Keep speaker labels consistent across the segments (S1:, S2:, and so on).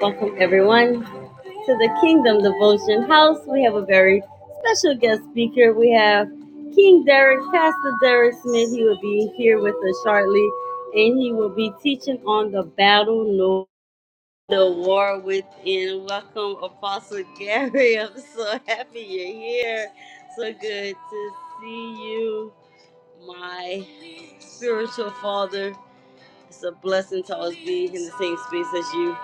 S1: Welcome everyone to the Kingdom Devotion House. We have a very special guest speaker. We have King Derek, Pastor Derek Smith. He will be here with us shortly, and he will be teaching on the battle, no the war within. Welcome, Apostle Gary. I'm so happy you're here. So good to see you, my spiritual father. It's a blessing to always be in the same space as you.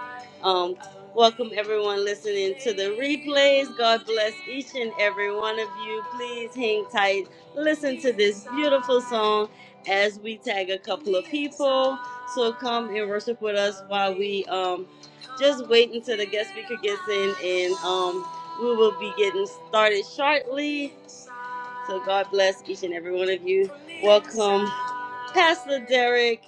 S1: Um, welcome everyone listening to the replays. God bless each and every one of you. Please hang tight. Listen to this beautiful song as we tag a couple of people. So come and worship with us while we um, just wait until the guest speaker gets in, and um, we will be getting started shortly. So God bless each and every one of you. Welcome, Pastor Derek.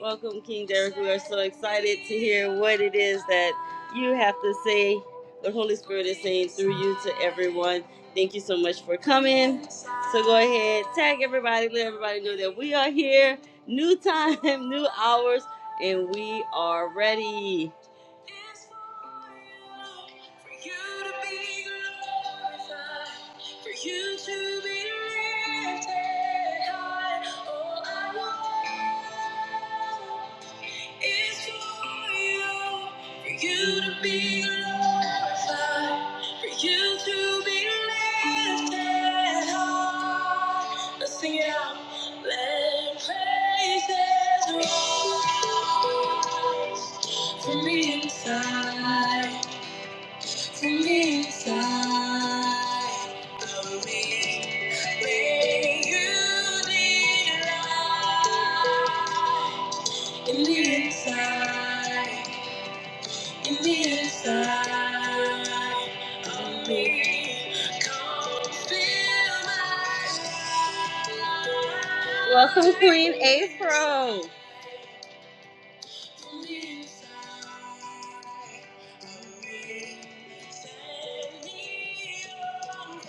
S1: Welcome, King Derek. We are so excited to hear what it is that you have to say, what Holy Spirit is saying through you to everyone. Thank you so much for coming. So go ahead, tag everybody, let everybody know that we are here. New time, new hours, and we are ready is for you, for you to be glorified, for you to be lifted high. Oh, I want. It's for you, for you to be glorified, for you to be lifted high. Let's sing it out. Let praises rise from the inside, from the inside of me. May you delight. In the inside, in the inside of me, come fill my life. Welcome, Queen Afro. In the inside of me, send me your love.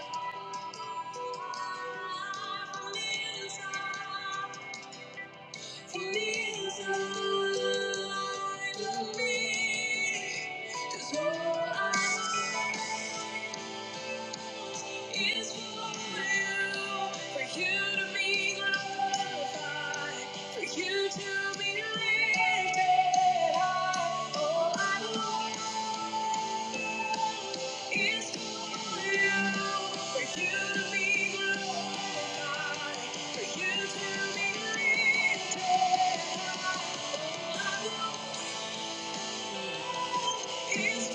S1: From the inside, from the inside of me. For you to be lifted high. Thank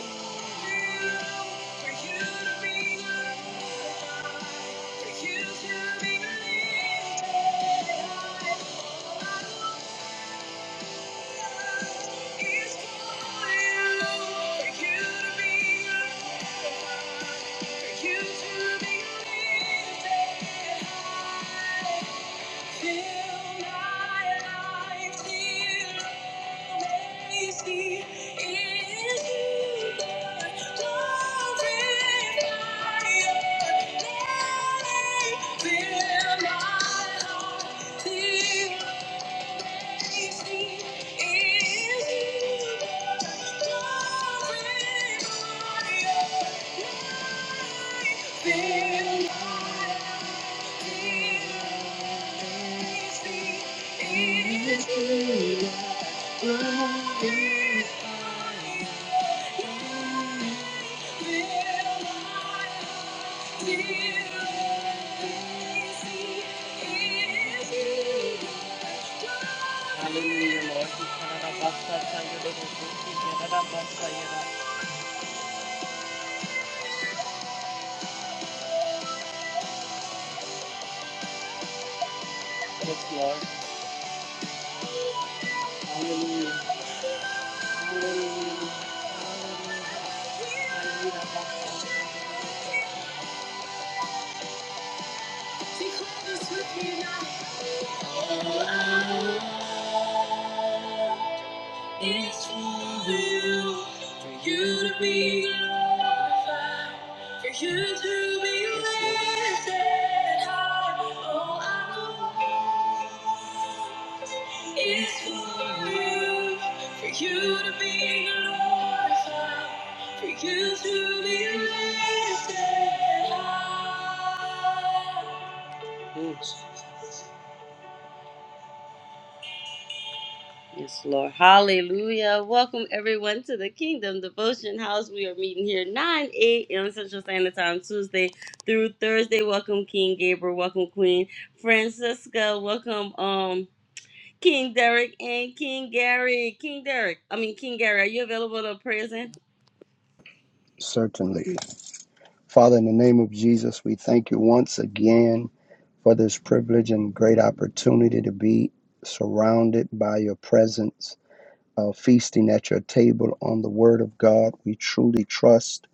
S1: you Fill Thank you. Hallelujah, Lord. Yes, Lord. Hallelujah. Hallelujah. It's for you, for you to be glorified, for you to be lifted high. Oh, I know it's for you, for you to be glorified, for you to be lifted high. Yes, Lord. Hallelujah. Welcome everyone to the Kingdom Devotion House. We are meeting here 9 a.m. Central Standard Time, Tuesday through Thursday. Welcome, King Gabriel. Welcome, Queen Francisca. Welcome, um, King Derek and King Gary. King Derek, I mean King Gary, are you available to present?
S2: Certainly. Father, in the name of Jesus, we thank you once again for this privilege and great opportunity to be surrounded by your presence, uh, feasting at your table on the word of God. We truly trust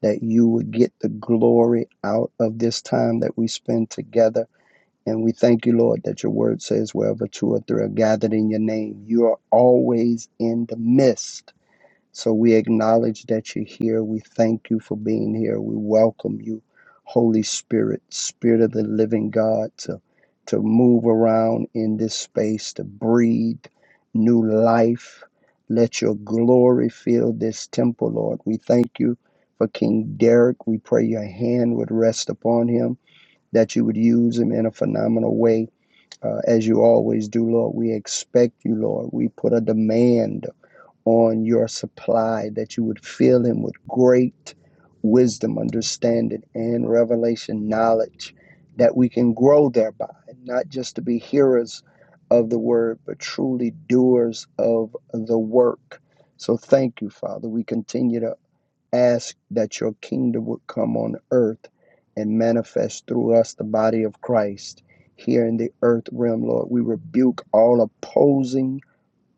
S2: that you would get the glory out of this time that we spend together. And we thank you, Lord, that your word says, wherever two or three are gathered in your name, you are always in the midst. So we acknowledge that you're here. We thank you for being here. We welcome you, Holy Spirit, Spirit of the living God, to, to move around in this space, to breathe new life. Let your glory fill this temple, Lord. We thank you for King Derek. We pray your hand would rest upon him, that you would use him in a phenomenal way, uh, as you always do, Lord. We expect you, Lord. We put a demand on your supply, that you would fill him with great wisdom, understanding, and revelation knowledge, that we can grow thereby, not just to be hearers of the word, but truly doers of the work. So thank you, Father. We continue to ask that your kingdom would come on earth and manifest through us the body of Christ here in the earth realm, Lord. We rebuke all opposing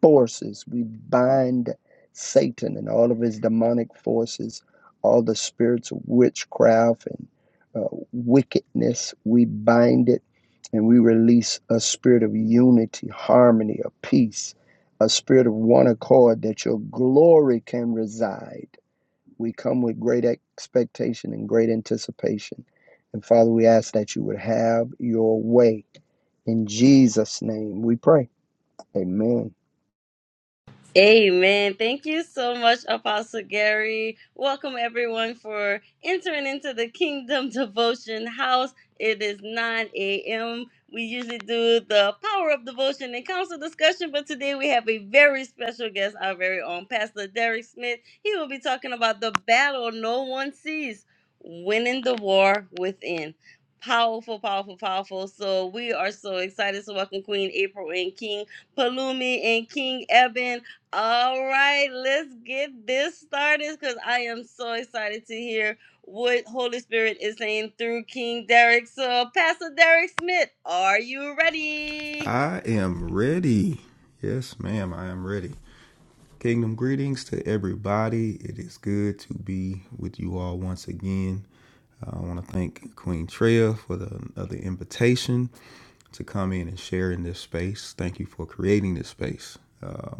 S2: forces. We bind Satan and all of his demonic forces, all the spirits of witchcraft and uh, wickedness. We bind it and we release a spirit of unity, harmony, of peace, a spirit of one accord that your glory can reside. We come with great expectation and great anticipation. And Father, we ask that you would have your way. In Jesus' name we pray. Amen.
S1: Amen. Thank you so much, Apostle Gary. Welcome everyone for entering into the Kingdom Devotion House. It is 9 a.m. We usually do the power of devotion and council discussion, but today we have a very special guest, our very own Pastor Derek Smith. He will be talking about the battle no one sees, winning the war within. Powerful, powerful, powerful. So we are so excited. So welcome Queen April and King Palumi and King Eben. All right, let's get this started because I am so excited to hear what Holy Spirit is saying through King Derek. So, Pastor Derek Smith, are you ready?
S3: I am ready. Yes, ma'am, I am ready. Kingdom greetings to everybody. It is good to be with you all once again. Uh, I want to thank Queen Treya for the another invitation to come in and share in this space. Thank you for creating this space. Uh,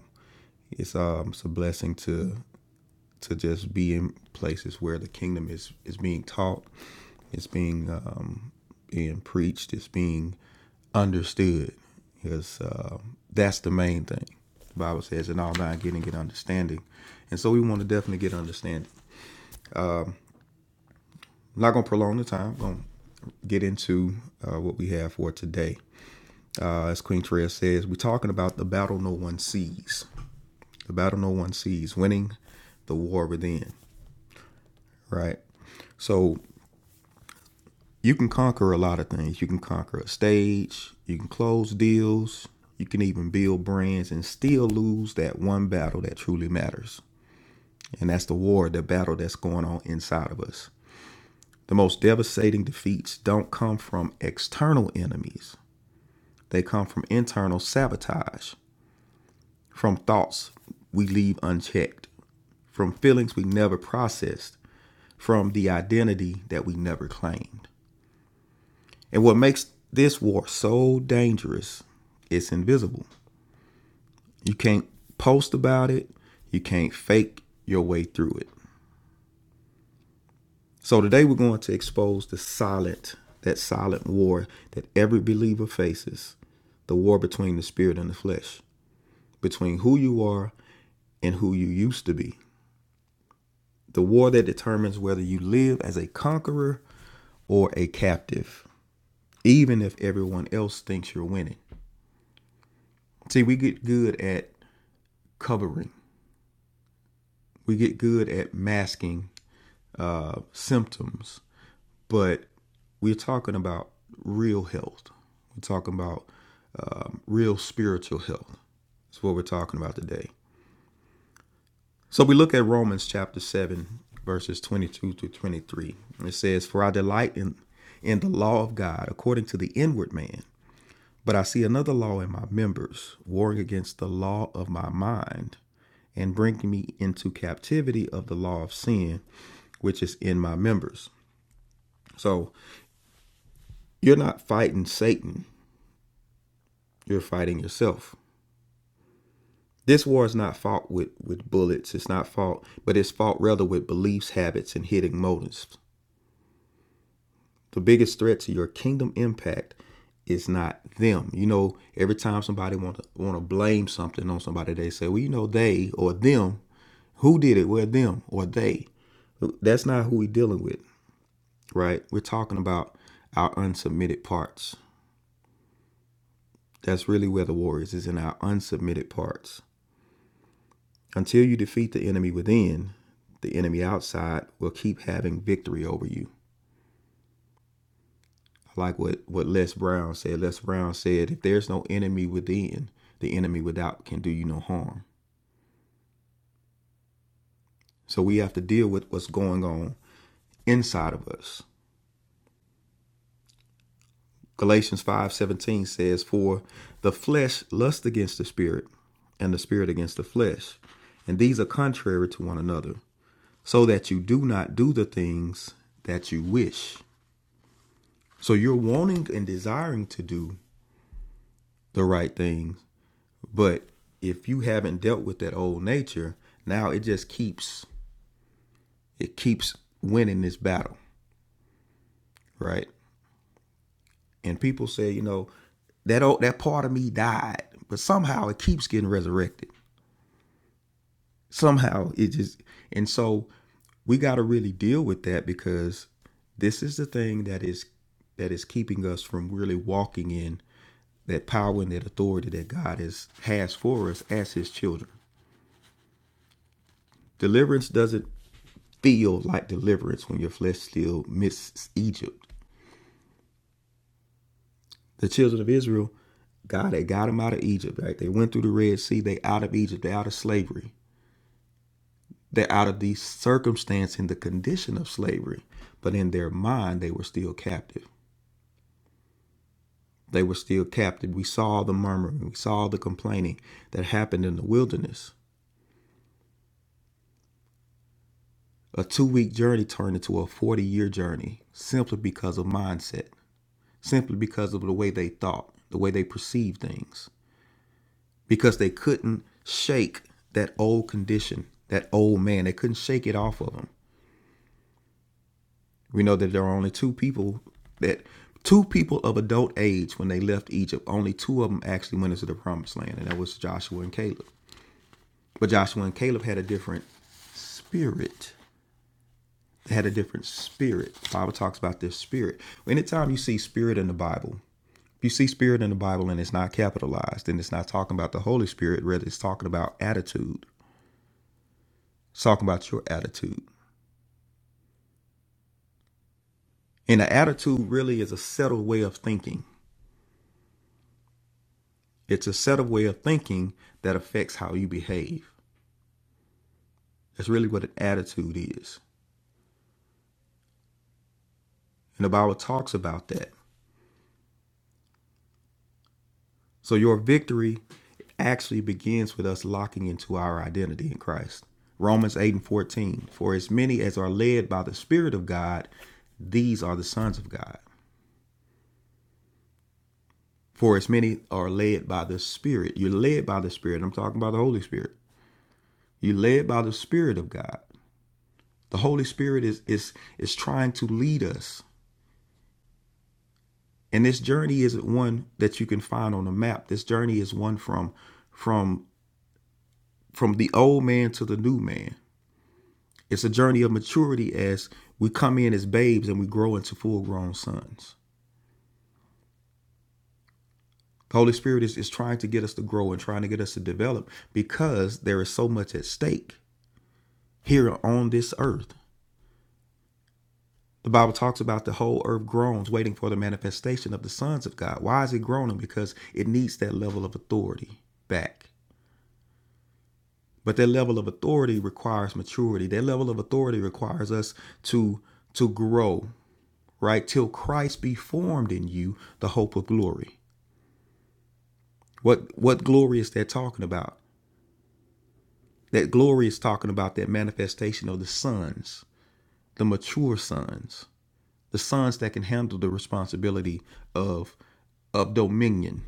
S3: it's um, it's a blessing to to just be in places where the kingdom is is being taught it's being um, being preached. It's being understood. Because uh, that's the main thing. The Bible says, "In all thine getting get understanding," and so we want to definitely get understanding. I'm not gonna prolong the time. I'm gonna get into uh, what we have for today. Uh, as Queen Treya says, we're talking about the battle no one sees. The battle no one sees, winning the war within. Right. So you can conquer a lot of things. You can conquer a stage, you can close deals, you can even build brands and still lose that one battle that truly matters. And that's the war, the battle that's going on inside of us. The most devastating defeats don't come from external enemies, they come from internal sabotage, from thoughts we leave unchecked, from feelings we never processed, from the identity that we never claimed. And what makes this war so dangerous, it's invisible. You can't post about it, you can't fake your way through it. So today we're going to expose the silent, that silent war that every believer faces, the war between the spirit and the flesh, between who you are and who you used to be. The war that determines whether you live as a conqueror or a captive, even if everyone else thinks you're winning. See, we get good at covering we get good at masking uh, symptoms, but we're talking about real health. We're talking about um, real spiritual health. That's what we're talking about today. So we look at Romans chapter 7, verses 22 through 23. It says, For I delight in, in the law of God according to the inward man, but I see another law in my members, warring against the law of my mind and bringing me into captivity of the law of sin which is in my members. So you're not fighting Satan, you're fighting yourself. This war is not fought with, with bullets, it's not fought, but it's fought rather with beliefs, habits, and hidden motives. The biggest threat to your kingdom impact is not them. You know, every time somebody want to want to blame something on somebody, they say, "Well, you know, they or them. Who did it? Well, them or they." That's not who we're dealing with, right? We're talking about our unsubmitted parts. That's really where the warriors is is in our unsubmitted parts. Until you defeat the enemy within, the enemy outside will keep having victory over you. I like what, what Les Brown said. Les Brown said, if there's no enemy within, the enemy without can do you no harm. So we have to deal with what's going on inside of us. Galatians 5:17 says, "For the flesh lusts against the spirit, and the spirit against the flesh, and these are contrary to one another, so that you do not do the things that you wish. So you're wanting and desiring to do the right things, but if you haven't dealt with that old nature, now it just keeps it keeps winning this battle, right? And people say, you know, that old that part of me died, but somehow it keeps getting resurrected. Somehow it just and so we got to really deal with that because this is the thing that is that is keeping us from really walking in that power and that authority that God is, has for us as His children. Deliverance doesn't feel like deliverance when your flesh still misses Egypt. The children of Israel, God had got them out of Egypt, right? They went through the Red Sea, they out of Egypt, they out of slavery. They're out of the circumstance and the condition of slavery. But in their mind, they were still captive. They were still captive. We saw the murmuring, we saw the complaining that happened in the wilderness A two week journey turned into a 40 year journey simply because of mindset, simply because of the way they thought, the way they perceived things, because they couldn't shake that old condition, that old man. They couldn't shake it off of them. We know that there are only two people that. Two people of adult age when they left Egypt, only two of them actually went into the promised land, and that was Joshua and Caleb. But Joshua and Caleb had a different spirit. had a different spirit. The Bible talks about this spirit. Anytime you see spirit in the Bible, if you see spirit in the Bible and it's not capitalized, then it's not talking about the Holy Spirit, rather it's talking about attitude. It's talking about your attitude. And the attitude really is a settled way of thinking. It's a settled way of thinking that affects how you behave. That's really what an attitude is. And the Bible talks about that. So your victory actually begins with us locking into our identity in Christ. Romans 8 and 14. For as many as are led by the Spirit of God, these are the sons of God. For as many are led by the Spirit. You're led by the Spirit. I'm talking about the Holy Spirit. You're led by the Spirit of God. The Holy Spirit is is is trying to lead us. And this journey isn't one that you can find on a map. This journey is one from from from the old man to the new man It's a journey of maturity as we come in as babes and we grow into full grown sons. The Holy Spirit is, is trying to get us to grow and trying to get us to develop because there is so much at stake here on this earth. The Bible talks about the whole earth groans, waiting for the manifestation of the sons of God. Why is it groaning? Because it needs that level of authority back. But that level of authority requires maturity. That level of authority requires us to to grow, right? Till Christ be formed in you, the hope of glory. What what glory is that talking about? That glory is talking about that manifestation of the sons, the mature sons, the sons that can handle the responsibility of of dominion,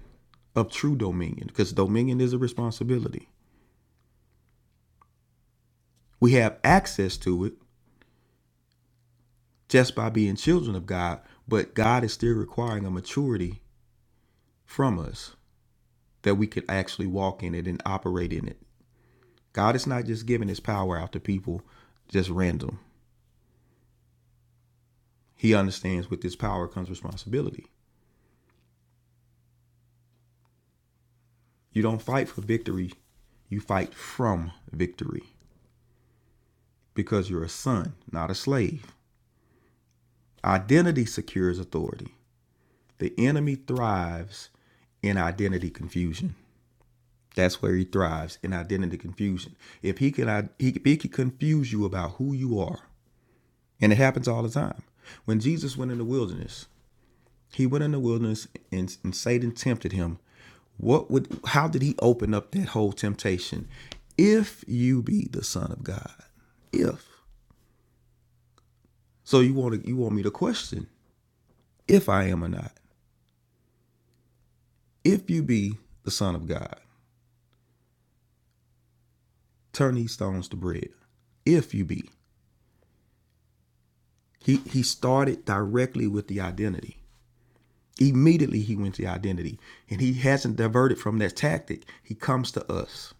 S3: of true dominion, because dominion is a responsibility. We have access to it just by being children of God, but God is still requiring a maturity from us that we could actually walk in it and operate in it. God is not just giving his power out to people just random. He understands with this power comes responsibility. You don't fight for victory, you fight from victory because you're a son, not a slave. Identity secures authority. The enemy thrives in identity confusion. That's where he thrives in identity confusion. If he can, he, he can confuse you about who you are, and it happens all the time. When Jesus went in the wilderness, He went in the wilderness and, and Satan tempted him. What would how did he open up that whole temptation? If you be the son of God. If. So you want to, you want me to question if I am or not. If you be the son of God, turn these stones to bread. If you be. He he started directly with the identity. Immediately he went to the identity. And he hasn't diverted from that tactic. He comes to us.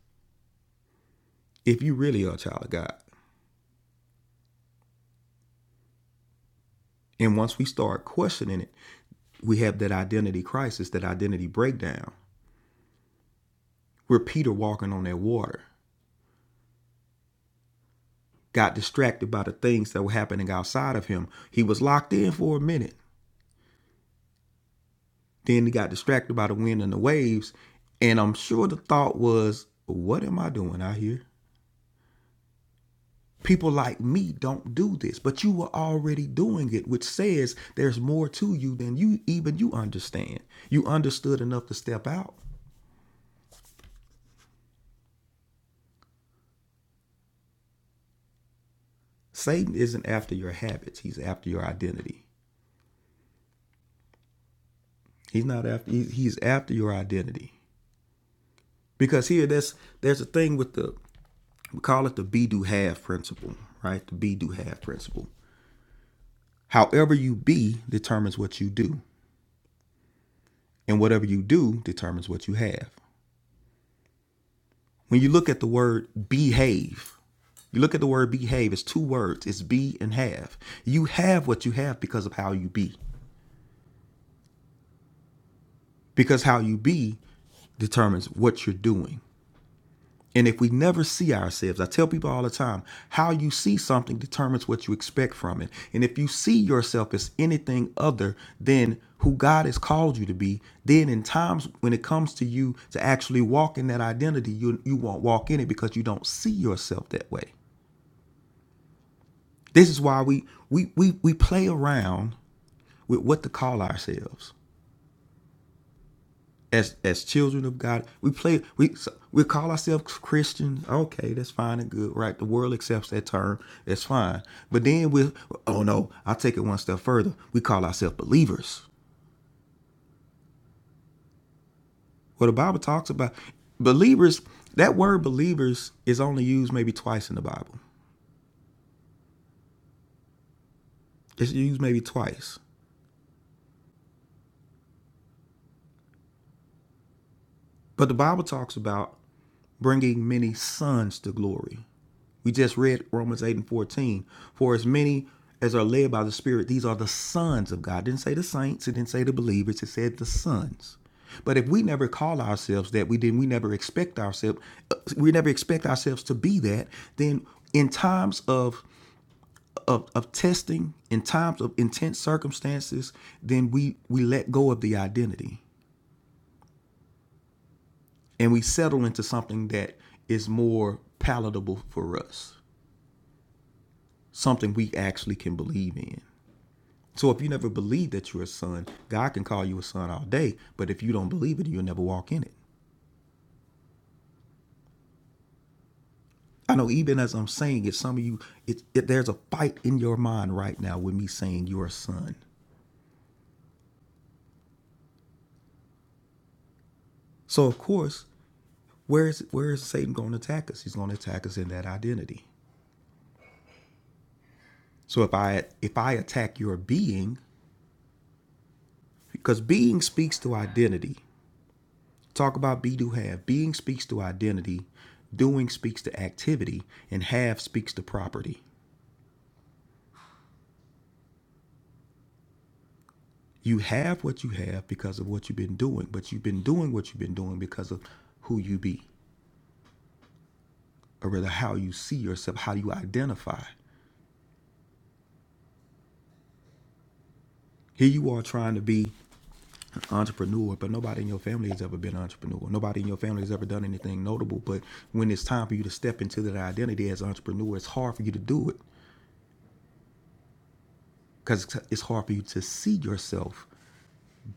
S3: If you really are a child of God. And once we start questioning it, we have that identity crisis, that identity breakdown. We're Peter walking on that water, got distracted by the things that were happening outside of him. He was locked in for a minute. Then he got distracted by the wind and the waves. And I'm sure the thought was, what am I doing out here? People like me don't do this, but you were already doing it, which says there's more to you than you even you understand. You understood enough to step out. Satan isn't after your habits, he's after your identity. He's not after. he's after your identity because here there's there's a thing with the we call it the be do have principle, right? The be do have principle. However you be determines what you do, and whatever you do determines what you have. When you look at the word behave, you look at the word behave, it's two words it's be and have. You have what you have because of how you be, because how you be determines what you're doing. And if we never see ourselves, I tell people all the time, how you see something determines what you expect from it. And if you see yourself as anything other than who God has called you to be, then in times when it comes to you to actually walk in that identity, you you won't walk in it because you don't see yourself that way. This is why we we we we play around with what to call ourselves. as as children of God, we play we so, we call ourselves Christians. Okay, that's fine and good, right? The world accepts that term. That's fine. But then we oh no, I'll take it one step further. We call ourselves believers. What the Bible talks about believers, that word believers is only used maybe twice in the Bible. It's used maybe twice. But the Bible talks about bringing many sons to glory. We just read Romans 8 and 14. For as many as are led by the Spirit, these are the sons of God. It didn't say the saints, it didn't say the believers, it said the sons. But if we never call ourselves that, we then we never expect ourselves, uh, we never expect ourselves to be that, then in times of of, of testing, in times of intense circumstances, then we we let go of the identity and we settle into something that is more palatable for us, something we actually can believe in. So if you never believe that you're a son, God can call you a son all day. But if you don't believe it, you'll never walk in it. I know even as I'm saying it, some of you, it, it, there's a fight in your mind right now with me saying you're a son. So of course, where is where is Satan going to attack us? He's going to attack us in that identity. So if I if I attack your being, because being speaks to identity. Talk about be do have. Being speaks to identity. Doing speaks to activity, and have speaks to property. You have what you have because of what you've been doing, but you've been doing what you've been doing because of who you be, or rather how you see yourself, how you identify. Here you are trying to be an entrepreneur, but nobody in your family has ever been an entrepreneur. Nobody in your family has ever done anything notable. But when it's time for you to step into that identity as an entrepreneur, it's hard for you to do it because it's hard for you to see yourself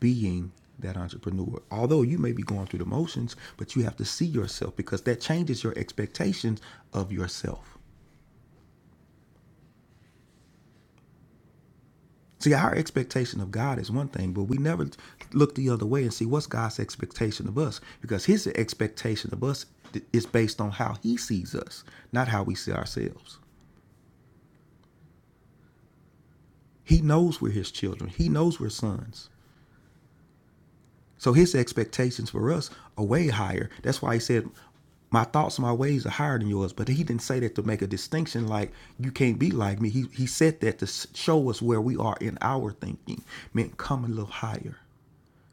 S3: being that entrepreneur. Although you may be going through the motions, but you have to see yourself because that changes your expectations of yourself. See, our expectation of God is one thing, but we never look the other way and see what's God's expectation of us because his expectation of us is based on how he sees us, not how we see ourselves. He knows we're his children, he knows we're sons. So his expectations for us are way higher. That's why he said, my thoughts, my ways are higher than yours. But he didn't say that to make a distinction like you can't be like me. He, he said that to show us where we are in our thinking, meant come a little higher.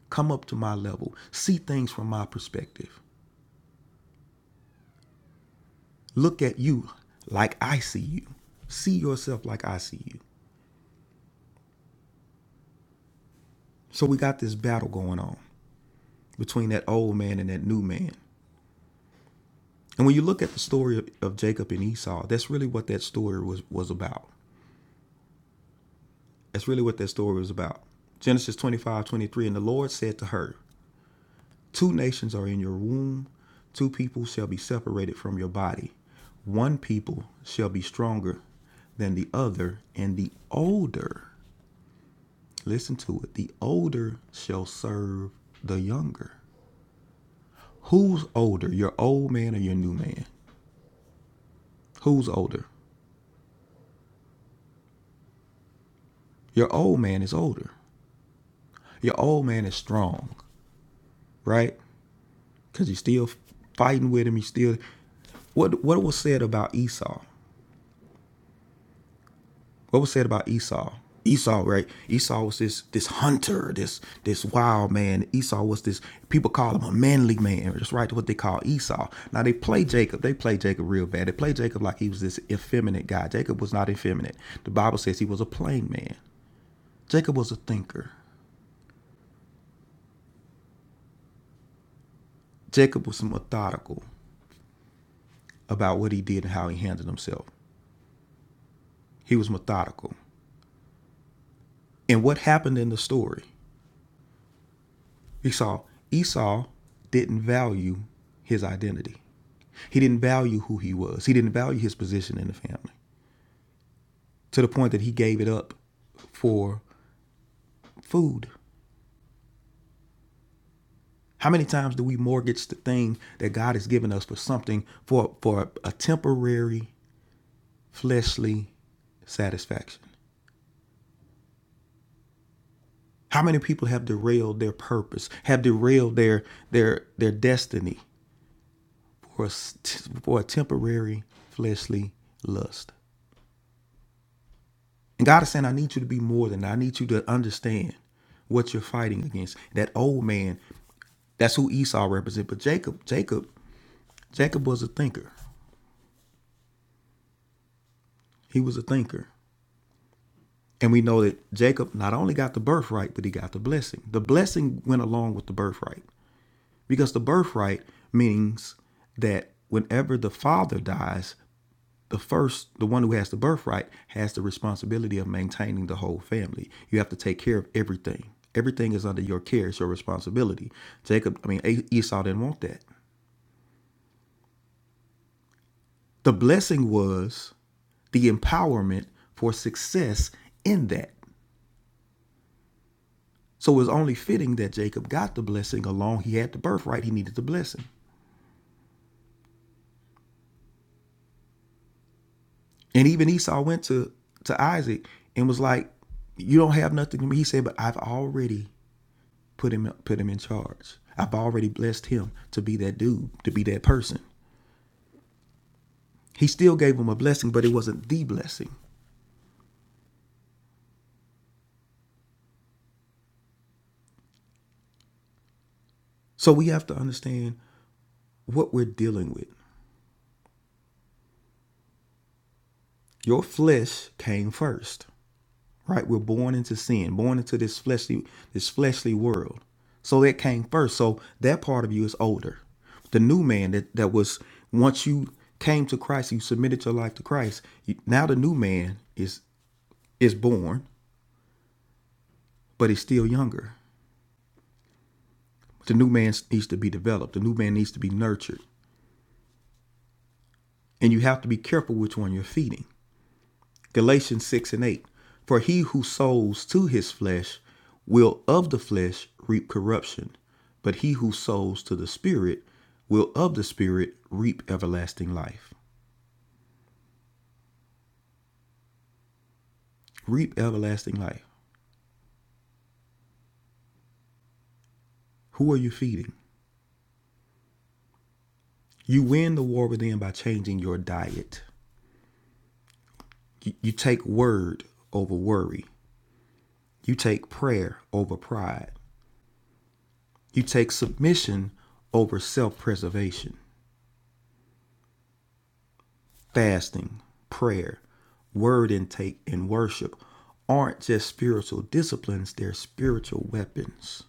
S3: Come up to my level. See things from my perspective. Look at you like I see you. See yourself like I see you. So we got this battle going on between that old man and that new man. And when you look at the story of, of Jacob and Esau, that's really what that story was, was about. That's really what that story was about. Genesis 25:23, and the Lord said to her, Two nations are in your womb, two people shall be separated from your body. One people shall be stronger than the other, and the older, listen to it, the older shall serve the younger. Who's older, your old man or your new man? Who's older? Your old man is older. Your old man is strong, right? Because you're still fighting with him. You still. What, what was said about Esau? what was said about Esau? Esau, right? Esau was this this hunter, this this wild man. Esau was this people call him a manly man. That's right, what they call Esau. Now they play Jacob. They play Jacob real bad. They play Jacob like he was this effeminate guy. Jacob was not effeminate. The Bible says he was a plain man. Jacob was a thinker. Jacob was methodical about what he did and how he handled himself. He was methodical. And what happened in the story? Esau. Esau didn't value his identity. He didn't value who he was. He didn't value his position in the family to the point that he gave it up for food. How many times do we mortgage the thing that God has given us for something for for a temporary fleshly satisfaction? How many people have derailed their purpose, have derailed their their their destiny for a for a temporary fleshly lust? And God is saying, I need you to be more than that. I need you to understand what you're fighting against. That old man, that's who Esau represents. But Jacob, Jacob, Jacob was a thinker. He was a thinker. And we know that Jacob not only got the birthright, but he got the blessing. The blessing went along with the birthright because the birthright means that whenever the father dies, the first, the one who has the birthright, has the responsibility of maintaining the whole family. You have to take care of everything. Everything is under your care. It's your responsibility. Jacob, I mean, Esau didn't want that. The blessing was the empowerment for success in that. So it was only fitting that Jacob got the blessing along. He had the birthright. He needed the blessing. And even Esau went to, to Isaac and was like, You don't have nothing to me. He said, But I've already put him put him in charge. I've already blessed him to be that dude, to be that person. He still gave him a blessing, but it wasn't the blessing. So we have to understand what we're dealing with. Your flesh came first, right? We're born into sin, born into this fleshly this fleshly world. So that came first. So that part of you is older. The new man that that was once you came to Christ, you submitted your life to Christ. you- now the new man is is born, but he's still younger. The new man needs to be developed, the new man needs to be nurtured. And you have to be careful which one you're feeding. Galatians 6 and 8. For he who sows to his flesh will of the flesh reap corruption, but he who sows to the Spirit will of the Spirit reap everlasting life. Reap everlasting life. Who are you feeding? You win the war within by changing your diet. You, you take word over worry, you take prayer over pride, You take submission over self preservation. Fasting, prayer, word intake, and worship aren't just spiritual disciplines, they're spiritual weapons.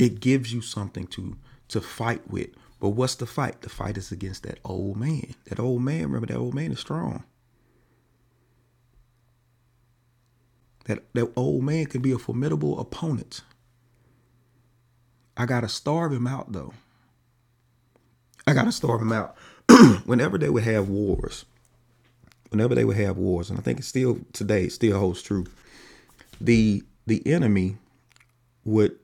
S3: It gives you something to to fight with. But what's the fight? The fight is against that old man. That old man, remember that old man is strong. That that old man can be a formidable opponent. I gotta starve him out though. I gotta starve him out. Whenever they would have wars, whenever they would have wars, and I think it's still today it still holds true. The the enemy would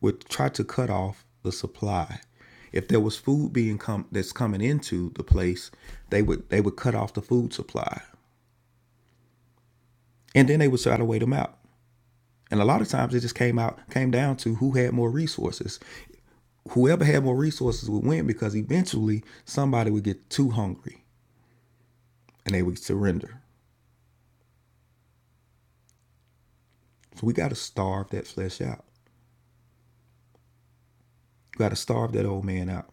S3: would try to cut off the supply. If there was food being come that's coming into the place, they would they would cut off the food supply, and then they would try to wait them out. And a lot of times it just came out came down to who had more resources. Whoever had more resources would win because eventually somebody would get too hungry and they would surrender. So we got to starve that flesh out. We got to starve that old man out.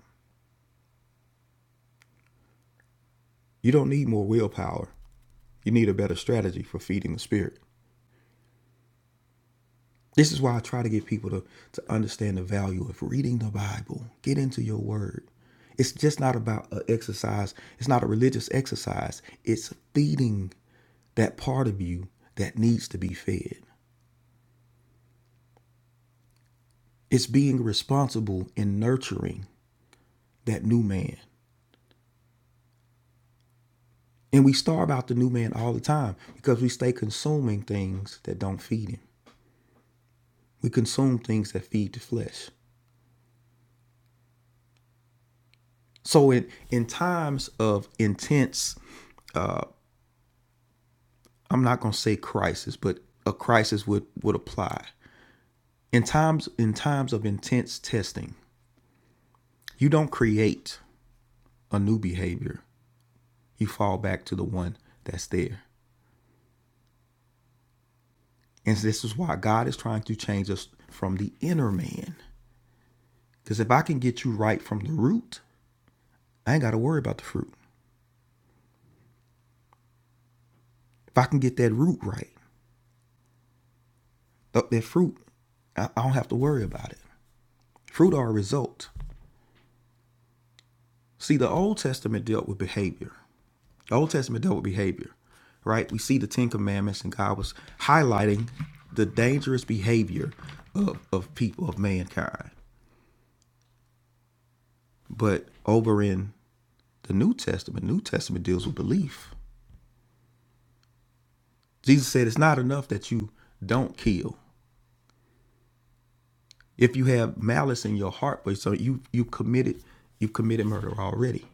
S3: You don't need more willpower. You need a better strategy for feeding the spirit. This is why I try to get people to, to understand the value of reading the Bible. Get into your word. It's just not about an exercise, it's not a religious exercise. It's feeding that part of you that needs to be fed. It's being responsible in nurturing that new man. And we starve out the new man all the time because we stay consuming things that don't feed him. We consume things that feed the flesh. So in in times of intense, I'm not going to say crisis, but a crisis would would apply. In times in times of intense testing, you don't create a new behavior. You fall back to the one that's there. And this is why God is trying to change us from the inner man. Because if I can get you right from the root, I ain't got to worry about the fruit. If I can get that root right, th- that fruit, I don't have to worry about it. Fruit are a result. See, the Old Testament dealt with behavior. The Old Testament dealt with behavior, right? We see the Ten Commandments, and God was highlighting the dangerous behavior of, of people, of mankind. But over in the New Testament, New Testament deals with belief. Jesus said it's not enough that you don't kill. If you have malice in your heart, but so you you committed you've committed murder already.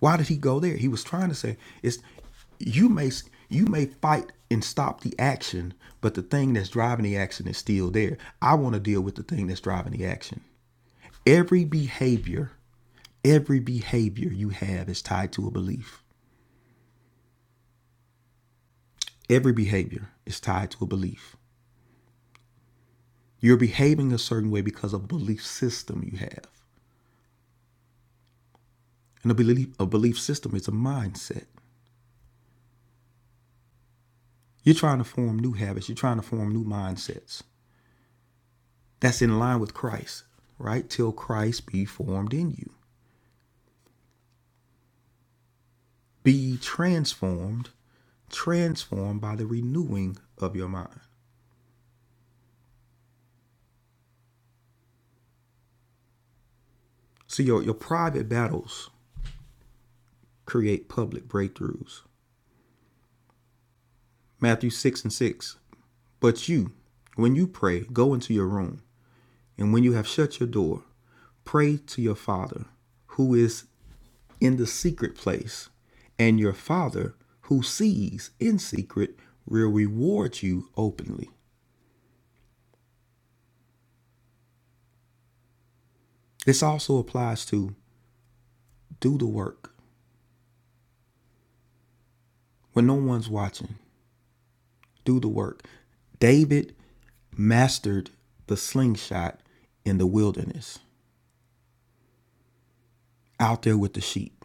S3: Why did he go there? He was trying to say it's you may you may fight and stop the action, but the thing that's driving the action is still there. I want to deal with the thing that's driving the action. Every behavior, every behavior you have is tied to a belief. Every behavior is tied to a belief. You're behaving a certain way because of a belief system you have. And a belief a belief system is a mindset. You're trying to form new habits, you're trying to form new mindsets. That's in line with Christ, right? Till Christ be formed in you. Be transformed, transformed by the renewing of your mind. So your, your private battles create public breakthroughs. Matthew 6 and 6. But you, when you pray, go into your room, and when you have shut your door, pray to your Father who is in the secret place, and your Father who sees in secret will reward you openly. This also applies to do the work when no one's watching. Do the work. David mastered the slingshot in the wilderness out there with the sheep.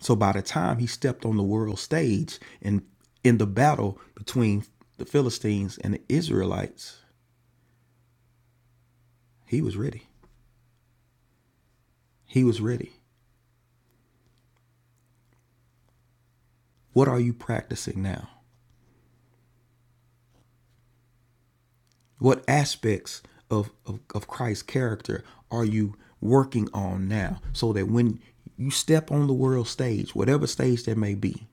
S3: So by the time he stepped on the world stage and in the battle between the Philistines and the Israelites, he was ready. He was ready. What are you practicing now? What aspects of, of, of Christ's character are you working on now so that when you step on the world stage, whatever stage that may be,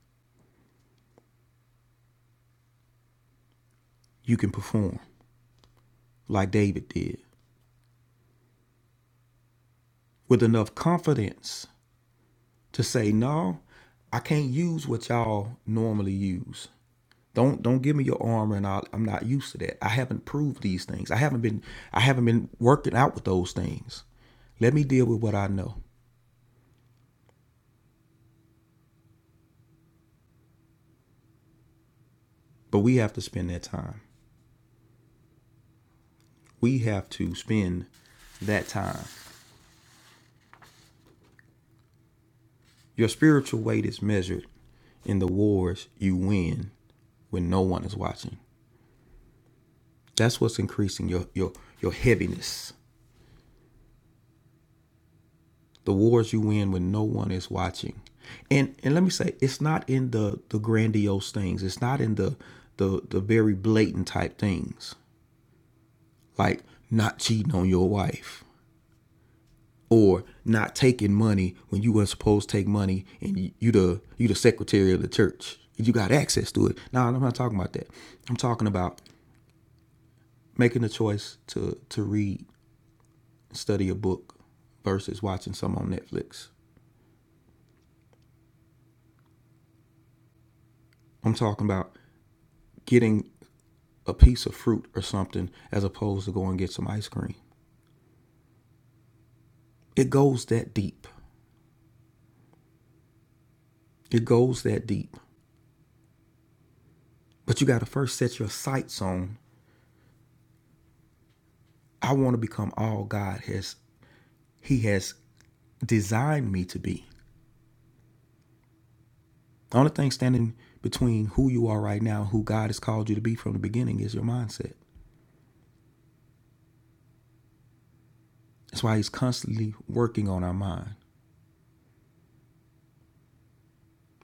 S3: you can perform like David did with enough confidence to say, No, I can't use what y'all normally use. Don't don't give me your armor and I'll, I'm not used to that. I haven't proved these things. I haven't been I haven't been working out with those things. Let me deal with what I know. But we have to spend that time. we have to spend that time. Your spiritual weight is measured in the wars you win when no one is watching. That's what's increasing your your your heaviness. The wars you win when no one is watching. And and let me say, it's not in the the grandiose things. It's not in the the the very blatant type things like not cheating on your wife or not taking money when you weren't supposed to take money and you, the you the secretary of the church and you got access to it No, i'm not talking about that i'm talking about making the choice to to read study a book versus watching some on netflix i'm talking about getting a piece of fruit or something as opposed to going and get some ice cream it goes that deep it goes that deep but you got to first set your sights on i want to become all god has he has designed me to be. The only thing standing between who you are right now, who God has called you to be from the beginning, is your mindset. That's why He's constantly working on our mind.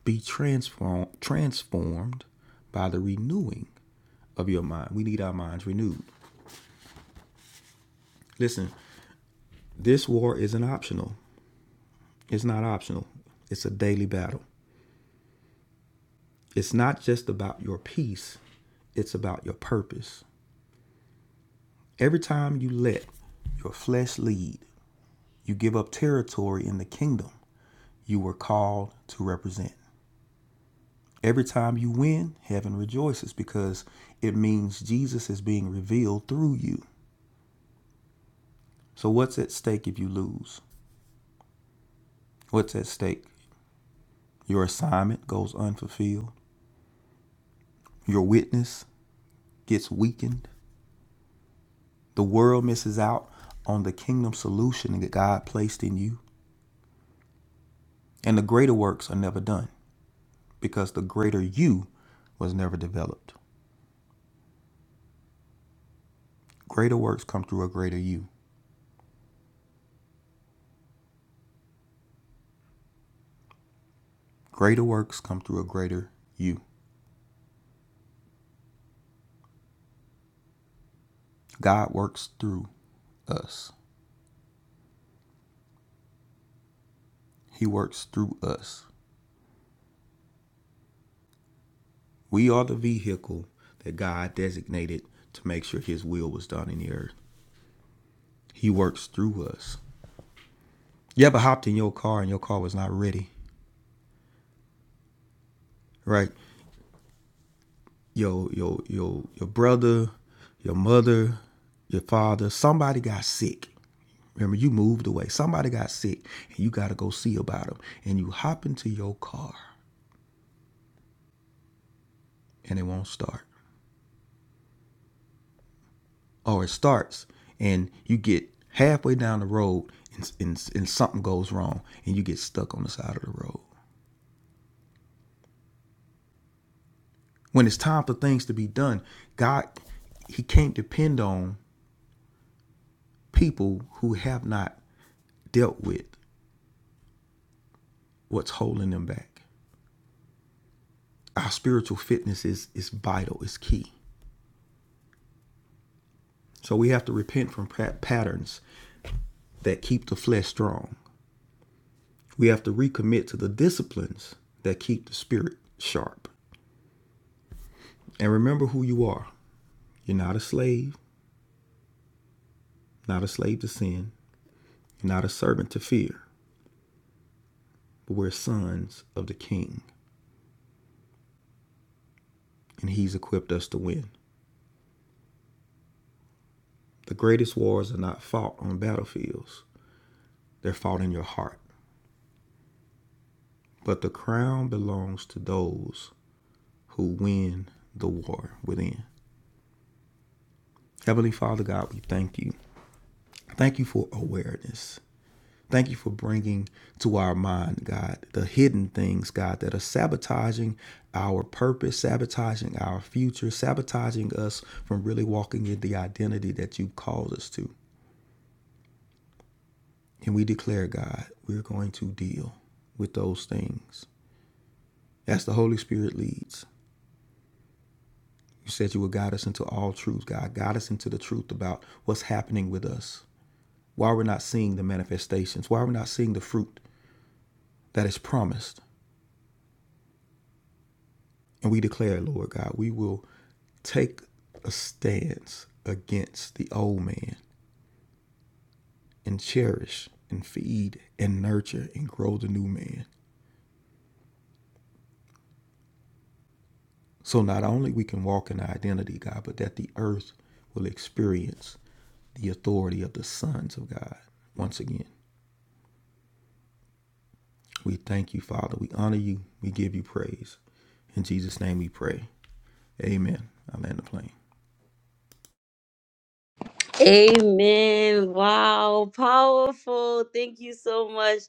S3: Be transform, transformed by the renewing of your mind. We need our minds renewed. Listen, this war isn't optional. It's not optional. It's a daily battle. It's not just about your peace, it's about your purpose. Every time you let your flesh lead, you give up territory in the kingdom. you were called to represent. Every time you win, heaven rejoices because it means Jesus is being revealed through you. So, what's at stake if you lose? What's at stake? Your assignment goes unfulfilled, your witness gets weakened, the world misses out on the kingdom solution that God placed in you, and the greater works are never done because the greater you was never developed. Greater works come through a greater you. Greater works come through a greater you. God works through us. He works through us. We are the vehicle that God designated to make sure His will was done in the earth. He works through us. You ever hopped in your car and your car was not ready, right? Your your your your brother, your mother, your father, somebody got sick. Remember, you moved away. Somebody got sick, and you got to go see about them. And you hop into your car, and it won't start. or it starts and you get halfway down the road and, and, and something goes wrong and you get stuck on the side of the road. When it's time for things to be done, God, He can't depend on people who have not dealt with what's holding them back. Our spiritual fitness is, is vital, it's key. So we have to repent from patterns that keep the flesh strong. We have to recommit to the disciplines that keep the spirit sharp. And remember who you are. You're not a slave, not a slave to sin, you're not a servant to fear, but we're sons of the King, and He's equipped us to win. The greatest wars are not fought on battlefields, they're fought in your heart. But the crown belongs to those who win the war within. Heavenly Father God, we thank you. Thank you for awareness. Thank you for bringing to our mind, God, the hidden things, God, that are sabotaging our purpose, sabotaging our future, sabotaging us from really walking in the identity that you've called us to. And we declare, God, we're going to deal with those things as the Holy Spirit leads. You said you would guide us into all truth, God. Guide us into the truth about what's happening with us, why we're not seeing the manifestations, why we're not seeing the fruit that is promised. And we declare, Lord God, we will take a stance against the old man and cherish and feed and nurture and grow the new man. So not only we can walk in identity, God, but that the earth will experience the authority of the sons of God once again. We thank you, Father. We honor you. We give you praise. In Jesus' name we pray. Amen. I land the plane.
S1: Amen. Wow. Powerful. Thank you so much,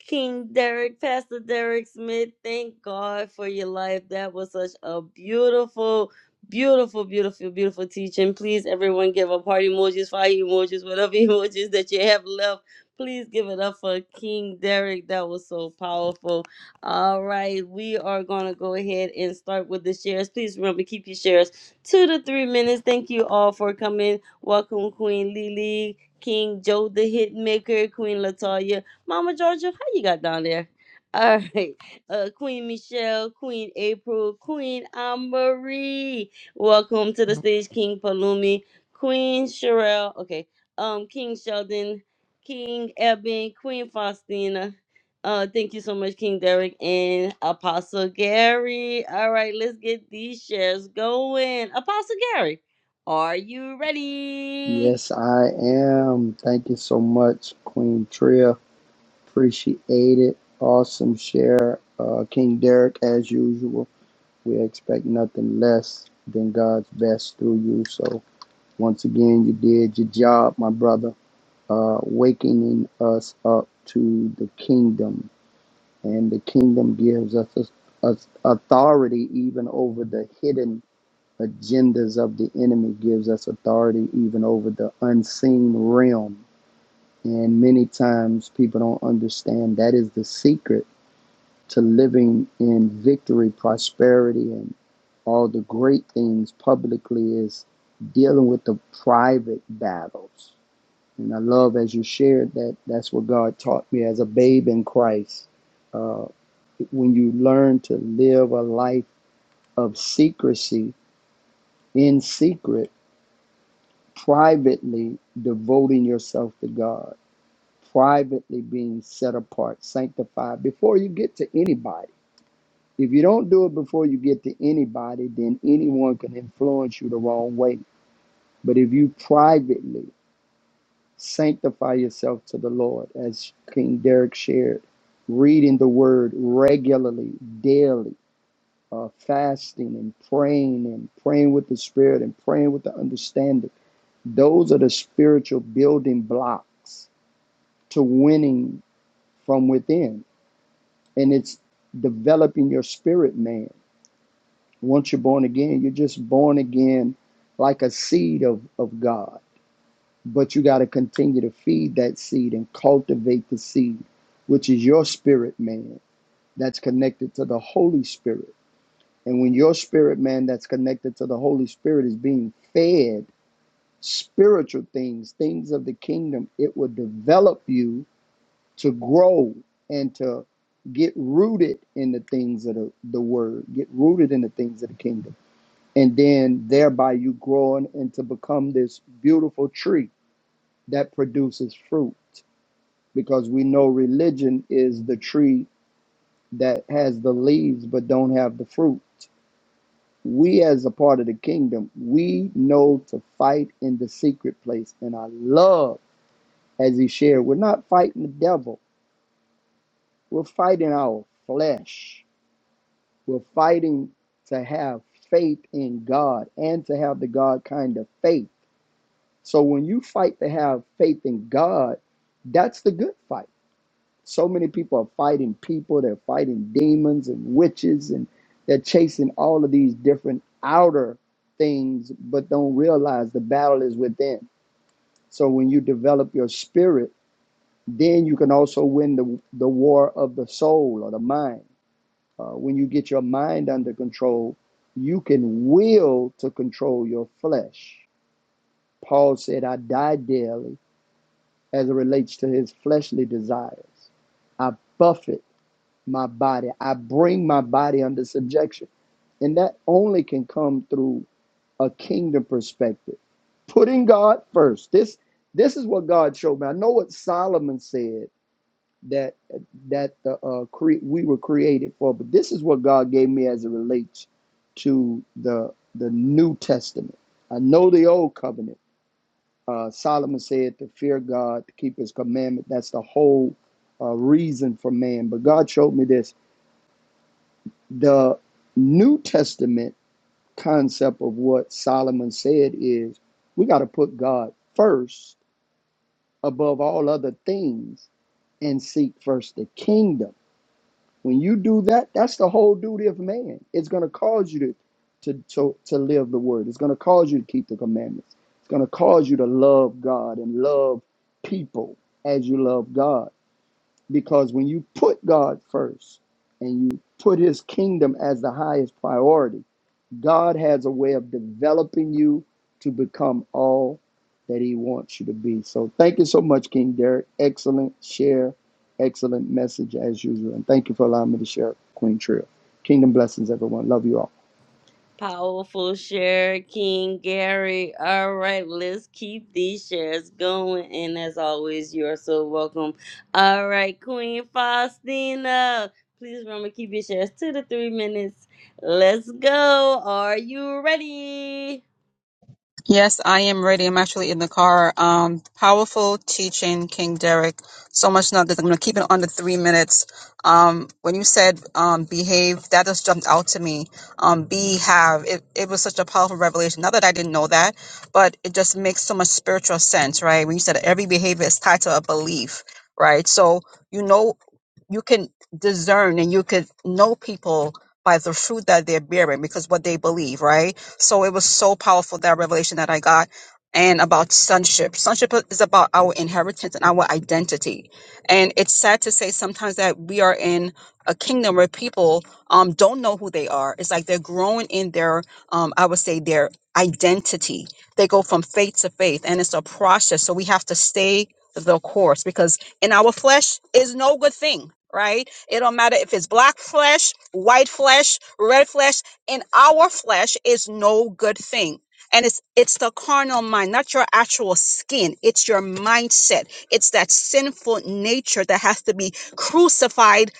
S1: King Derek, Pastor Derek Smith. Thank God for your life. That was such a beautiful, beautiful, beautiful, beautiful teaching. Please, everyone, give up heart emojis, fire emojis, whatever emojis that you have left. Please give it up for King Derek. That was so powerful. All right, we are going to go ahead and start with the shares. Please remember, keep your shares two to three minutes. Thank you all for coming. Welcome, Queen Lily, King Joe the Hitmaker, Queen Latoya, Mama Georgia. How you got down there? All right, uh, Queen Michelle, Queen April, Queen Marie. Welcome to the stage, King Palumi, Queen Sherelle. Okay, um, King Sheldon, King Eben, Queen Faustina. Uh, thank you so much, King Derek and Apostle Gary. All right, let's get these shares going. Apostle Gary, are you ready?
S2: Yes, I am. Thank you so much, Queen Tria. Appreciate it. Awesome share. Uh, King Derek, as usual, we expect nothing less than God's best through you. So, once again, you did your job, my brother, uh, wakening us up to the kingdom. And the kingdom gives us, us us authority even over the hidden agendas of the enemy, gives us authority even over the unseen realm and many times people don't understand that is the secret to living in victory, prosperity, and all the great things publicly is dealing with the private battles. And I love as you shared that that's what God taught me as a babe in Christ. Uh, when you learn to live a life of secrecy in secret, privately devoting yourself to God privately being set apart, sanctified before you get to anybody. If you don't do it before you get to anybody, then anyone can influence you the wrong way. But if you privately sanctify yourself to the Lord, as King Derek shared, reading the word regularly, daily, uh, fasting and praying and praying with the Spirit and praying with the understanding, those are the spiritual building blocks to winning from within and it's developing your spirit man once you're born again you're just born again like a seed of, of god but you got to continue to feed that seed and cultivate the seed which is your spirit man that's connected to the holy spirit and when your spirit man that's connected to the holy spirit is being fed spiritual things things of the kingdom it will develop you to grow and to get rooted in the things of the, the word, get rooted in the things of the kingdom. And then thereby you growing and to become this beautiful tree that produces fruit. Because we know religion is the tree that has the leaves but don't have the fruit. We as a part of the kingdom, we know to fight in the secret place. And I love as he shared, we're not fighting the devil. We're fighting our flesh We're fighting to have faith in God and to have the God kind of faith. So when you fight to have faith in God, that's the good fight. So many people are fighting people, they're fighting demons and witches, and they're chasing all of these different outer things, but don't realize the battle is within. So when you develop your spirit, then you can also win the, the war of the soul or the mind uh, when you get your mind under control, you can will to control your flesh. Paul said, I die daily as it relates to his fleshly desires. I buffet my body, I bring my body under subjection. And that only can come through a kingdom perspective. Putting God first. This this is what God showed me. I know what Solomon said that that uh, cre- we were created for. But this is what God gave me as it relates to the the New Testament. I know the Old Covenant. Uh, Solomon said to fear God, to keep His commandment. That's the whole uh, reason for man. But God showed me this. The New Testament concept of what Solomon said is we got to put God first above all other things and seek first the kingdom When you do that, that's the whole duty of man. It's going to cause you to, to, to, to live the word. It's going to cause you to keep the commandments. It's going to cause you to love God and love people as you love God. Because when you put God first and you put his kingdom as the highest priority, God has a way of developing you to become all that He wants you to be. So thank you so much, King Derek. Excellent share, excellent message as usual. And thank you for allowing me to share Queen Trill. Kingdom blessings, everyone. Love you all.
S1: Powerful share, King Gary. All right, let's keep these shares going. And as always, you are so welcome. All right, Queen Faustina, please remember keep your shares to the three minutes. Let's go. Are you ready?
S4: Yes, I am ready. I'm actually in the car. Um, powerful teaching, King Derek. So much now I'm gonna keep it under three minutes. Um, when you said um, behave, that just jumped out to me. Um, be, have. It, it was such a powerful revelation. Not that I didn't know that, but it just makes so much spiritual sense, right? When you said every behavior is tied to a belief, right? So you know, you can discern and you could know people by the fruit that they're bearing because what they believe, right? So it was so powerful that revelation that I got and about sonship. Sonship is about our inheritance and our identity. And it's sad to say sometimes that we are in a kingdom where people um, don't know who they are. It's like they're growing in their, um, I would say, their identity. They go from faith to faith, and it's a process. So we have to stay the course because in our flesh is no good thing, right? It don't matter if it's black flesh, white flesh, red flesh in our flesh is no good thing and it's it's the carnal mind not your actual skin it's your mindset it's that sinful nature that has to be crucified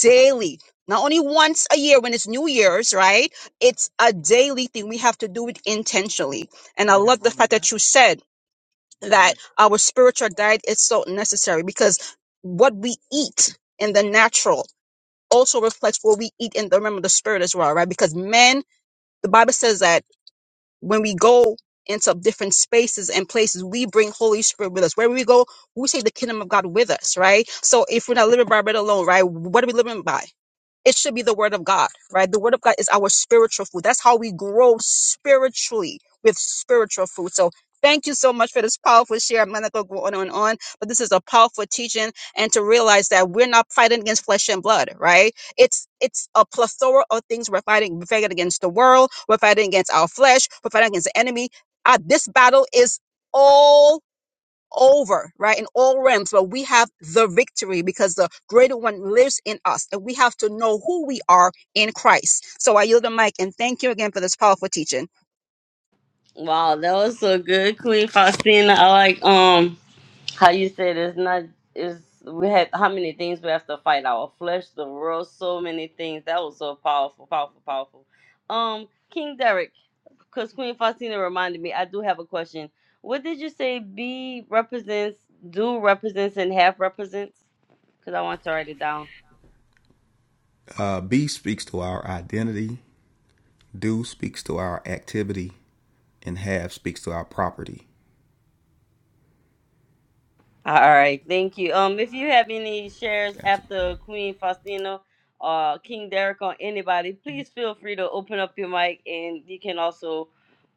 S4: daily not only once a year when it's new year's right it's a daily thing we have to do it intentionally and i love the fact that you said that our spiritual diet is so necessary because what we eat in the natural also reflects what we eat in the remember the spirit as well right because men the Bible says that when we go into different spaces and places, we bring Holy Spirit with us. Wherever we go, we take the kingdom of God with us, right? So if we're not living by bread alone, right, what are we living by? It should be the word of God, right? The word of God is our spiritual food. That's how we grow spiritually with spiritual food. So thank you so much for this powerful share. I'm not going to go on and on, but this is a powerful teaching and to realize that we're not fighting against flesh and blood, right? It's it's a plethora of things we're fighting. We're fighting against the world. We're fighting against our flesh. We're fighting against the enemy. Uh, this battle is all over, right, in all realms, but we have the victory because the greater one lives in us, and we have to know who we are in Christ. So I yield the mic and thank you again for this powerful teaching.
S1: Wow, that was so good, Queen Faustina. I like um. how you said it's not is we had how many things we have to fight our flesh the world so many things that was so powerful powerful powerful um king derek because queen faustina reminded me i do have a question what did you say b represents do represents and half represents because i want to write it down
S3: Uh, B speaks to our identity. Do speaks to our activity. And have speaks to our property.
S1: All right, thank you. Um, if you have any shares
S3: Gotcha.
S1: after Queen Faustina or King Derek on anybody, please feel free to open up your mic and you can also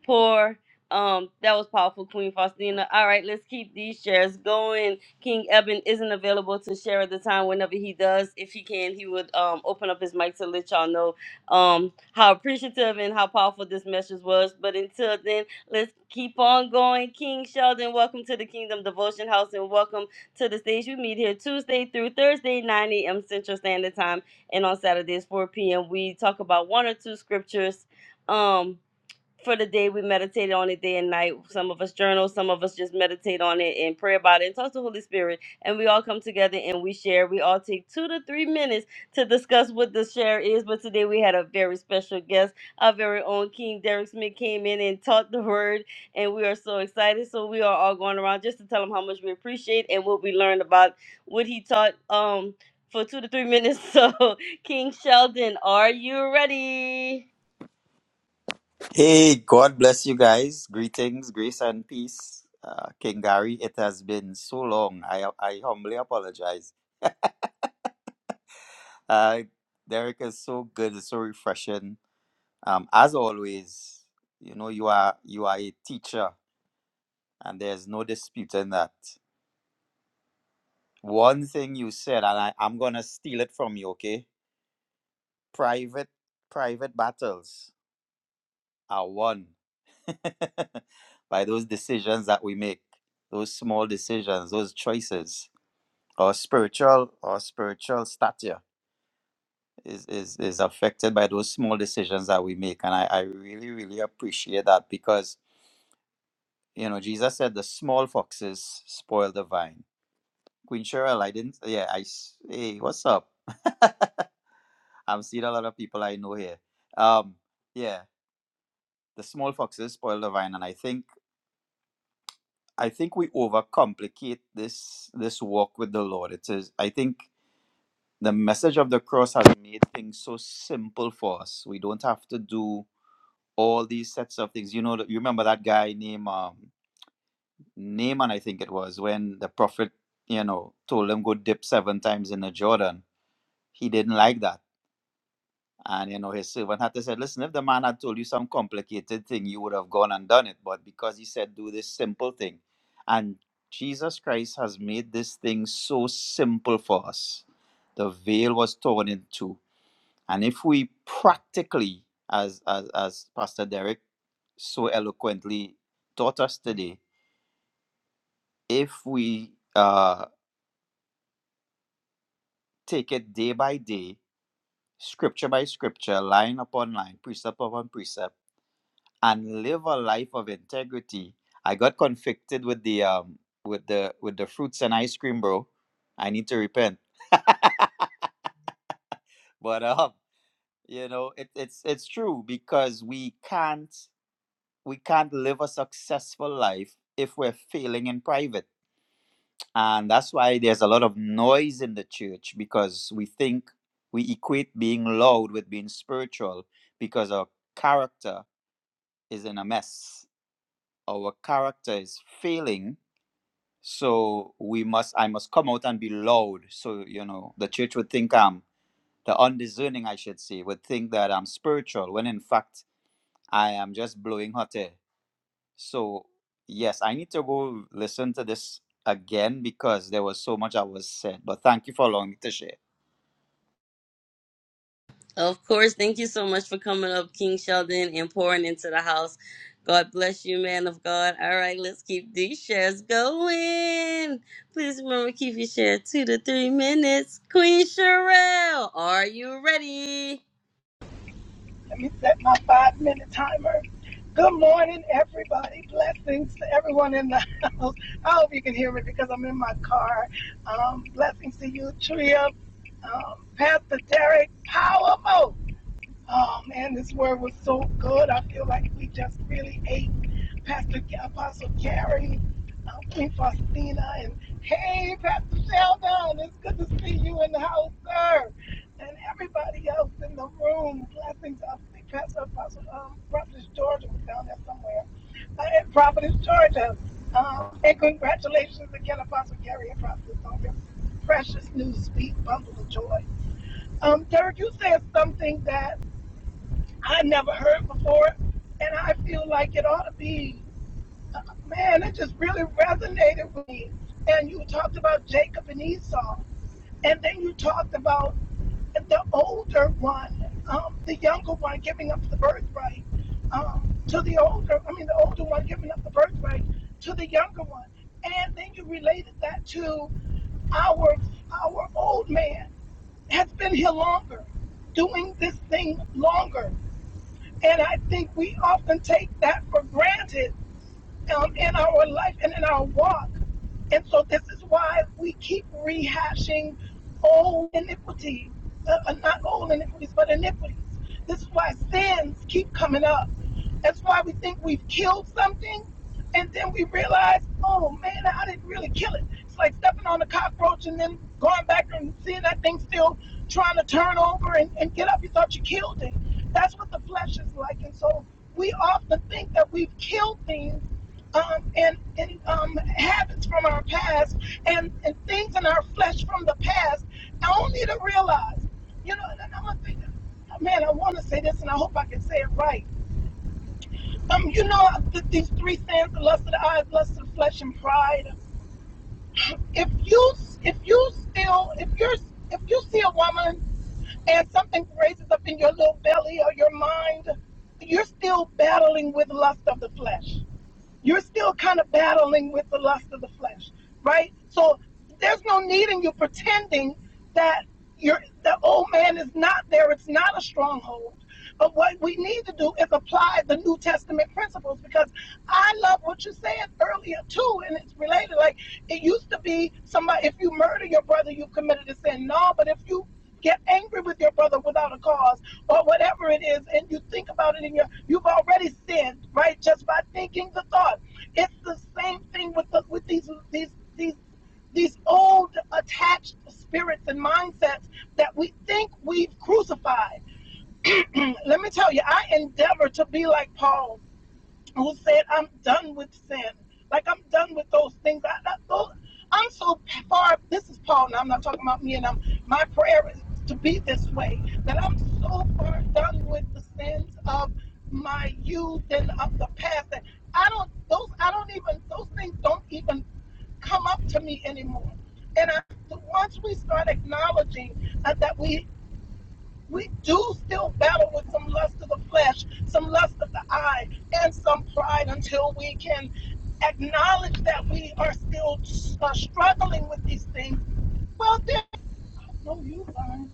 S1: pour. Um, that was powerful, Queen Faustina. All right, let's keep these shares going. King Eben isn't available to share at the time. Whenever he does, if he can, he would um open up his mic to let y'all know um how appreciative and how powerful this message was. But until then. Let's keep on going. King Sheldon, welcome to the Kingdom Devotion House and welcome to the stage. We meet here Tuesday through Thursday, 9 a.m. Central Standard Time, and on Saturdays, 4 p.m. We talk about one or two scriptures. Um, for the day we meditate on it day and night some of us journal some of us just meditate on it and pray about it and talk to the holy spirit and we all come together and we share we all take two to three minutes to discuss what the share is but today we had a very special guest our very own king derek smith came in and taught the word and we are so excited so we are all going around just to tell him how much we appreciate and what we learned about what he taught um for two to three minutes so king sheldon are you ready
S5: Hey, God bless you guys. Greetings, grace and peace. Uh, King Gary, it has been so long. I I humbly apologize. Uh, Derek is so good, it's so refreshing. Um, as always, you know you are you are a teacher, and there's no disputing that. One thing you said, and I, I'm gonna steal it from you, okay? Private private battles. are won by those decisions that we make, those small decisions, those choices. Our spiritual, our spiritual stature is, is, is affected by those small decisions that we make. And I, I really, really appreciate that because, you know, Jesus said the small foxes spoil the vine. Queen Cheryl, I didn't, yeah, I, s- hey, what's up? I'm seeing a lot of people I know here. Um, yeah, the small foxes spoil the vine. And I think I think we overcomplicate this this walk with the Lord. It is I think the message of the cross has made things so simple for us. We don't have to do all these sets of things. You know, you remember that guy named um, Naaman, I think it was, when the prophet, you know, told him go dip seven times in the Jordan. He didn't like that And you know, his servant had to say, Listen, if the man had told you some complicated thing, you would have gone and done it. But because he said, Do this simple thing. And Jesus Christ has made this thing so simple for us. The veil was torn in two. And if we practically, as as, as Pastor Derek so eloquently taught us today, if we uh, take it day by day, scripture by scripture, line upon line, precept upon precept, and live a life of integrity. I got convicted with the um with the with the fruits and ice cream, bro. I need to repent. But um, you know, it, it's it's true because we can't we can't live a successful life if we're failing in private. And that's why there's a lot of noise in the church because we think we equate being loud with being spiritual because our character is in a mess. Our character is failing so we must i must come out and be loud so you know the church would think i'm the undiscerning i should say would think that i'm spiritual when in fact i am just blowing hot air so yes i need to go listen to this again because there was so much i was said but thank you for allowing me to share
S1: Of course. Thank you so much for coming up, King Sheldon, and pouring into the house. God bless you, man of God. All right, let's keep these shares going. Please remember to keep your share two to three minutes. Queen Sherelle, are you ready?
S6: Let me set my five minute timer. Good morning, everybody. Blessings to everyone in the house. I hope you can hear me because I'm in my car. Um, blessings to you, Tria, um, Pastor Derek, Powerful. Oh man, this word was so good. I feel like we just really ate Pastor Apostle Gary, uh, Queen Faustina, and hey, Pastor Sheldon, it's good to see you in the house, sir, and everybody else in the room. Blessings, I think Pastor Apostle um, Prophetess Georgia was down there somewhere, uh, and Prophetess Georgia, um, and congratulations again, Apostle Gary and Prophetess on your precious new sweet bundle of joy. Um, Derek, you said something that I never heard before, and I feel like it ought to be. Man, it just really resonated with me. And you talked about Jacob and Esau, and then you talked about the older one, um, the younger one giving up the birthright um, to the older, I mean, the older one giving up the birthright to the younger one. And then you related that to our our old man has been here longer, doing this thing longer. And I think we often take that for granted um, in our life and in our walk. And so this is why we keep rehashing old iniquities, uh, uh, not old iniquities, but iniquities. This is why sins keep coming up. That's why we think we've killed something, and then we realize, oh man, I didn't really kill it. It's like stepping on a cockroach and then going back and seeing that thing still trying to turn over and, and get up. You thought you killed it. That's what the flesh is like. And so we often think that we've killed things um, and, and um, habits from our past and, and things in our flesh from the past, only to realize, you know, and I'm gonna think, man, I want to say this and I hope I can say it right. Um, you know, th- these three sins, the lust of the eyes, lust of the flesh, and pride. If you, if you still, if you're, if you see a woman and something raises up in your little belly or your mind, you're still battling with lust of the flesh you're still kind of battling with the lust of the flesh, right? So there's no need in you pretending that your the old man is not there. It's not a stronghold. But what we need to do is apply the New Testament principles because I love what you said earlier too, and it's related. Like it used to be somebody if you murder your brother, you committed a sin. No, but if you get angry with your brother without a cause or whatever it is and you think about it in your you've already sinned right just by thinking the thought it's the same thing with the, with these these these these old attached spirits and mindsets that we think we've crucified let me tell you i endeavor to be like paul who said, I'm done with sin. Like, I'm done with those things. I, I, those, I'm so far. This is Paul, Now I'm not talking about me. And I'm, my prayer is to be this way that I'm so far done with the sins of my youth and of the past. And I don't, those, I don't even, those things don't even come up to me anymore. And I, once we start acknowledging uh, that we we do still battle with some lust of the flesh, some lust of the eye, and some pride until we can acknowledge that we are still uh, struggling with these things. Well, then, no, you fine.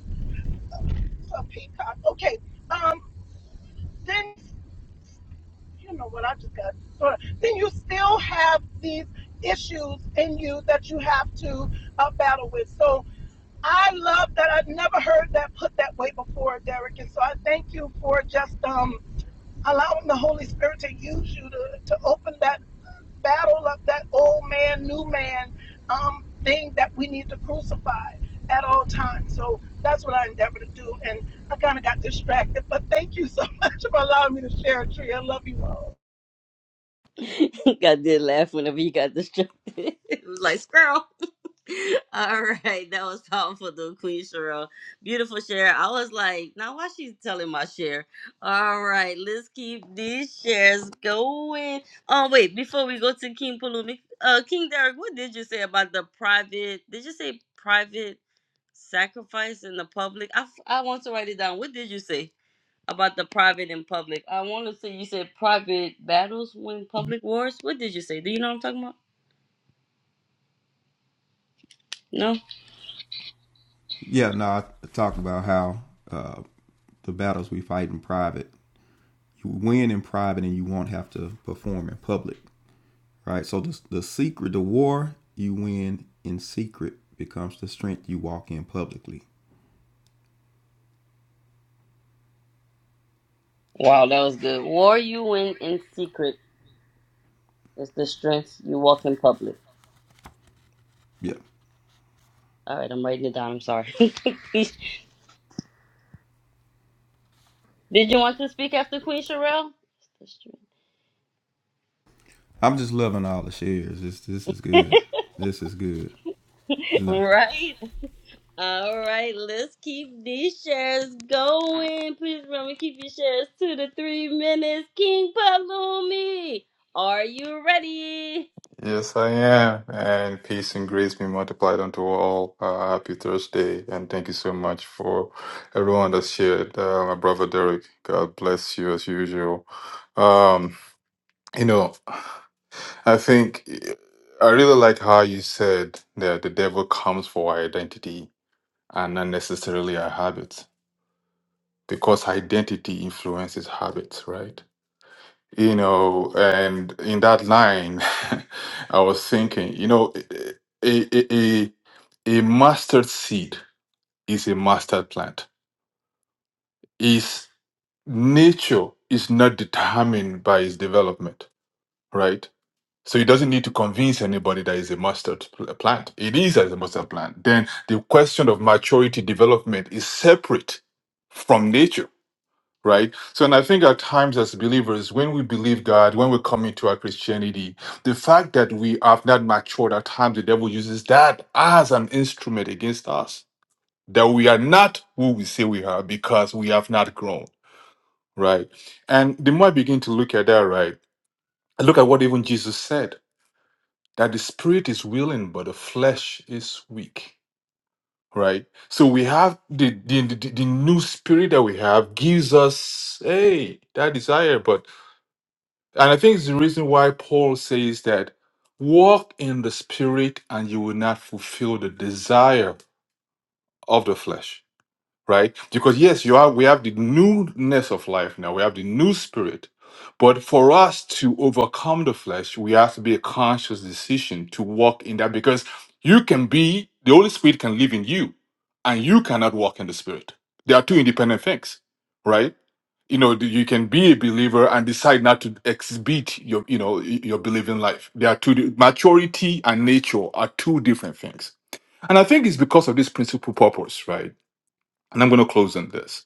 S6: It's a peacock. Okay. Um, then, you know what? I just got sort of. Then you still have these issues in you that you have to uh, battle with. So, I love that. I've never heard that put that way before, Derek. And so I thank you for just um, allowing the Holy Spirit to use you to, to open that battle of that old man, new man um, thing that we need to crucify at all times. So that's what I endeavor to do. And I kind of got distracted, but thank you so much for allowing me to share, Tria. I love you all.
S1: I did laugh whenever you got distracted. it was like squirrel. All right, that was powerful, though, Queen Cheryl. Beautiful share. I was like, now why she's telling my share? All right, let's keep these shares going. Oh wait, before we go to King Palumi, uh, King Derek, what did you say about the private? Did you say private sacrifice in the public? I f- I want to write it down. What did you say about the private and public? I want to say you said private battles win public wars. What did you say? Do you know what I'm talking about? No?
S3: Yeah, no, I talked about how uh, the battles we fight in private, you win in private and you won't have to perform in public, right? So the, the secret, the war you win in secret becomes the strength you walk in publicly.
S1: Wow, that was good. War you win in secret is the strength you walk in public.
S3: Yeah.
S1: All right, I'm writing it down. I'm sorry. Did you want to speak after Queen Sherelle?
S3: I'm just loving all the shares. This this is good. This is good. No.
S1: Right. All right, let's keep these shares going. Please remember, keep your shares to the three minutes. King Palumi, are you ready?
S7: Yes, I am. And peace and grace be multiplied unto all. Uh, happy Thursday. And thank you so much for everyone that shared. Uh, my brother Derek, God bless you as usual. Um, you know, I think I really like how you said that the devil comes for identity and not necessarily our habits because identity influences habits, right? you know and in that line i was thinking you know a, a, a, a mustard seed is a mustard plant Its nature is not determined by its development right so it doesn't need to convince anybody that it's a mustard pl- plant it is as a mustard plant then the question of maturity development is separate from nature right? So, and I think at times as believers, when we believe God, when we come into our Christianity, the fact that we have not matured, at times the devil uses that as an instrument against us, that we are not who we say we are because we have not grown, right? And the more I begin to look at that, right, I look at what even Jesus said that the spirit is willing, but the flesh is weak. Right, so we have the, the the the new spirit that we have gives us hey that desire, but And I think it's the reason why Paul says that walk in the spirit and you will not fulfill the desire of the flesh, right? Because yes, you are we have the newness of life now. We have the new spirit. But for us to overcome the flesh, we have to be a conscious decision to walk in that because you can be the Holy Spirit can live in you and you cannot walk in the spirit. They are two independent things, right? you know you can be a believer and decide not to exhibit your you know your believing life they are two maturity and nature are two different things and i think it's because of this principal purpose right and i'm going to close on this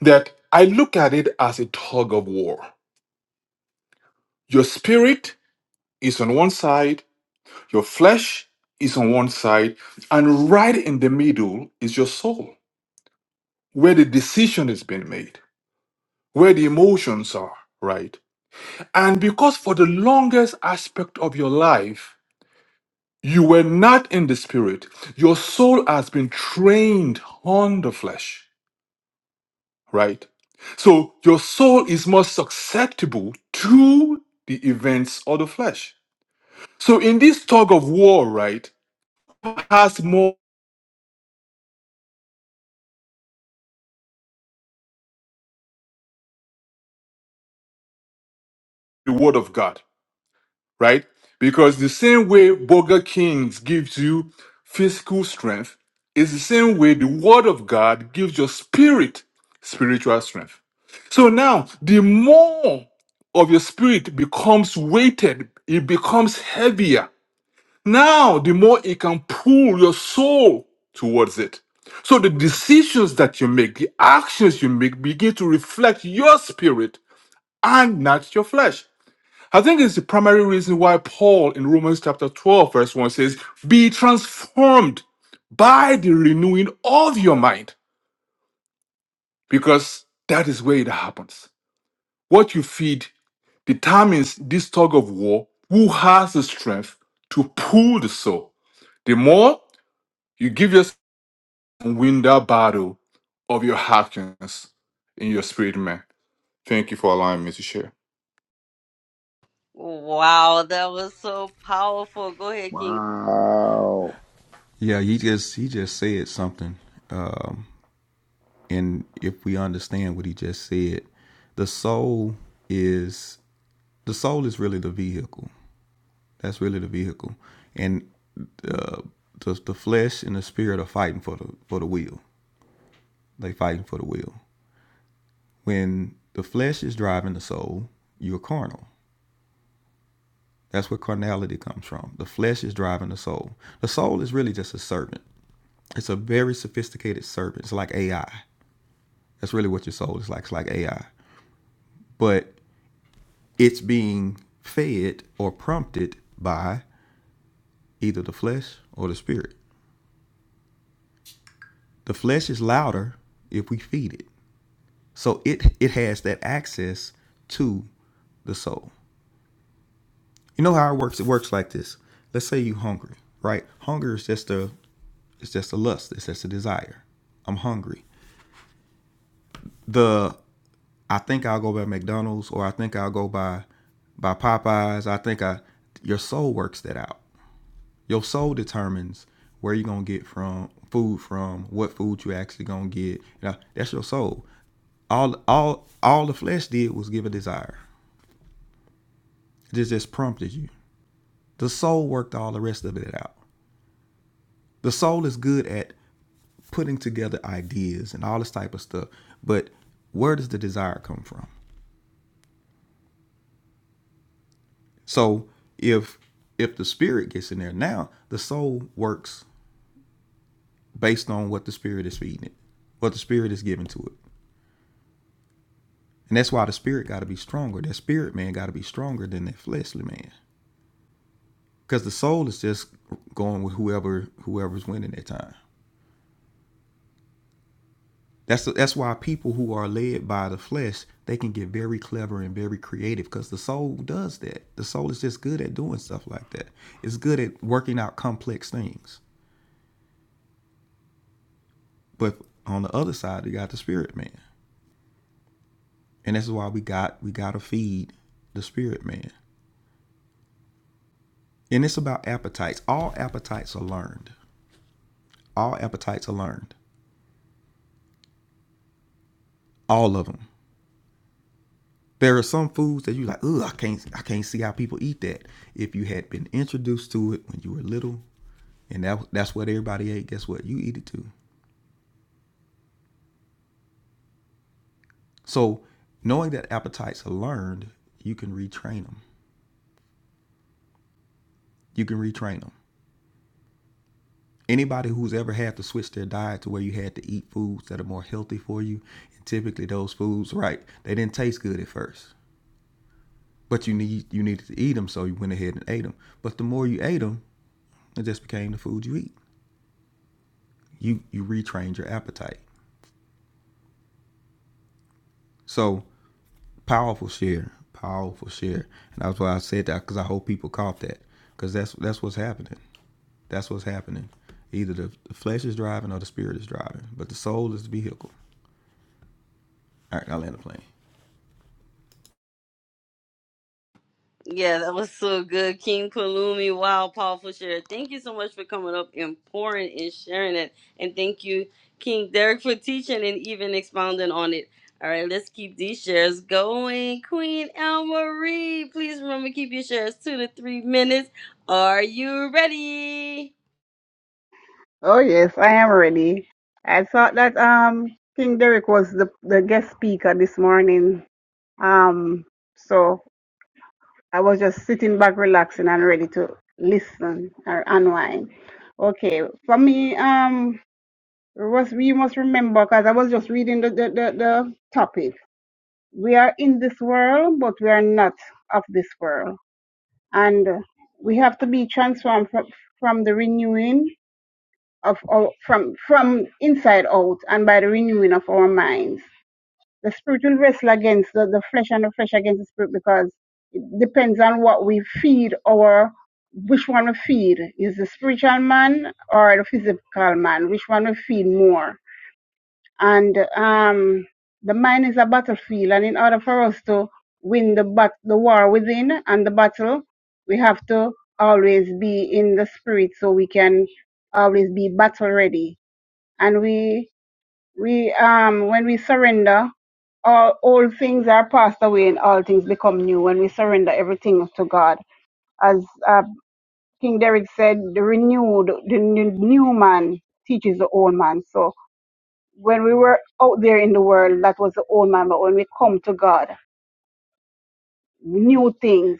S7: that i look at it as a tug of war your spirit is on one side your flesh is on one side and right in the middle is your soul where the decision is being made where the emotions are right And because for the longest aspect of your life, you were not in the spirit, your soul has been trained on the flesh, right? So your soul is more susceptible to the events of the flesh. So in this tug of war, right, has more the word of God. right? Because the same way Burger Kings gives you physical strength is the same way the Word of God gives your spirit spiritual strength. So now, the more of your spirit becomes weighted, it becomes heavier. Now, the more it can pull your soul towards it. So the decisions that you make, the actions you make begin to reflect your spirit and not your flesh. I think it's the primary reason why Paul in Romans chapter 12, verse 1 says, Be transformed by the renewing of your mind, because that is where it happens. What you feed determines this tug of war who has the strength to pull the soul. The more you give yourself and win that battle of your happiness in your spirit, man. Thank you for allowing me to share.
S1: Wow, that was so powerful. Go ahead, King
S2: Wow.
S3: Yeah, he just he just said something. Um, and if we understand what he just said, the soul is the soul is really the vehicle That's really the vehicle, and uh, the the flesh and the spirit are fighting for the for the will. They fighting for the will. When the flesh is driving the soul, you're carnal. That's where carnality comes from. The flesh is driving the soul. The soul is really just a servant. It's a very sophisticated servant. It's like AI. That's really what your soul is like. It's like AI. But it's being fed or prompted by either the flesh or the spirit. The flesh is louder if we feed it. So it it has that access to the soul. You know how it works? It works like this. Let's say you hungry, right? Hunger is just a it's just a lust. It's just a desire. I'm hungry. The I think I'll go by McDonald's or I think I'll go by by Popeyes. I think I your soul works that out. Your soul determines where you're gonna get from food from, what food you actually gonna get. You know, that's your soul. All all all the flesh did was give a desire. It just prompted you. The soul worked all the rest of it out. The soul is good at putting together ideas and all this type of stuff, but where does the desire come from? So if if the spirit gets in there now, the soul works based on what the spirit is feeding it, what the spirit is giving to it. And that's why the spirit got to be stronger. That spirit man got to be stronger than that fleshly man, because the soul is just going with whoever whoever's winning that time. That's that's why people who are led by the flesh they can get very clever and very creative because the soul does that. The soul is just good at doing stuff like that. It's good at working out complex things. But on the other side, you got the spirit man, and this is why we got we gotta feed the spirit man. And it's about appetites. All appetites are learned. All appetites are learned. All of them. There are some foods that you like. Ugh, I can't I can't see how people eat that. If you had been introduced to it when you were little, and that, that's what everybody ate. Guess what? You eat it too. So knowing that appetites are learned, you can retrain them. You can retrain them. Anybody who's ever had to switch their diet to where you had to eat foods that are more healthy for you, and typically those foods, right? They didn't taste good at first, but you need you needed to eat them, so you went ahead and ate them. But the more you ate them, it just became the food you eat. You you retrained your appetite. So Powerful share, powerful share, and that's why I said that because I hope people caught that because that's that's what's happening. That's what's happening. Either the, the flesh is driving or the spirit is driving, but the soul is the vehicle. All right, I land the plane.
S1: Yeah, that was so good. King Palumi, wow, powerful share. Thank you so much for coming up and pouring and sharing it. And thank you, King Derek, for teaching and even expounding on it. All right, let's keep these shares going. Queen El Marie, please remember to keep your shares two to three minutes. Are you ready?
S8: Oh yes, I am ready. I thought that um King Derek was the the guest speaker this morning. Um, so I was just sitting back, relaxing, and ready to listen or unwind. Okay, for me, um, was we must remember because I was just reading the, the the the topic. We are in this world, but we are not of this world, and we have to be transformed from, from the renewing. of our, from from inside out and by the renewing of our minds. The spirit will wrestle against the, the flesh and the flesh against the spirit because it depends on what we feed our which one we feed is the spiritual man or the physical man, which one we feed more. And um the mind is a battlefield and in order for us to win the bat the war within and the battle, we have to always be in the spirit so we can always be battle ready and we we um when we surrender all old things are passed away and all things become new when we surrender everything to god as uh, king derek said the renewed the new new man teaches the old man so when we were out there in the world that was the old man but when we come to god new things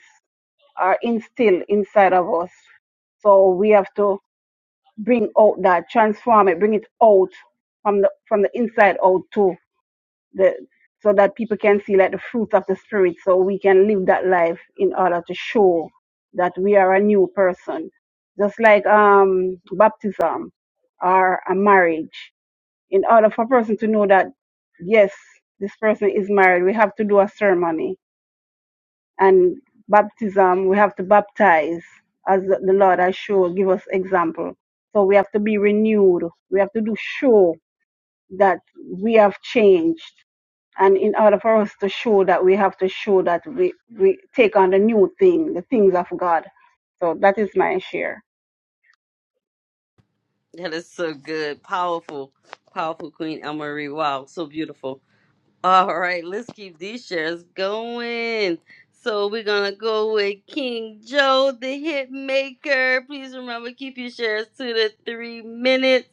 S8: are instilled inside of us so we have to bring out that transform it bring it out from the from the inside out too the, so that people can see like the fruit of the spirit so we can live that life in order to show that we are a new person just like um baptism or a marriage in order for a person to know that yes this person is married we have to do a ceremony and baptism we have to baptize as the lord has shown give us example so we have to be renewed we have to do show that we have changed and in order for us to show that, we have to show that we, we take on the new thing, the things of God. So that is my share.
S1: That is so good. Powerful, powerful Queen El Marie. Wow, so beautiful. All right, let's keep these shares going. So we're gonna go with King Joe, the hit maker. Please remember, keep your shares to the three minutes.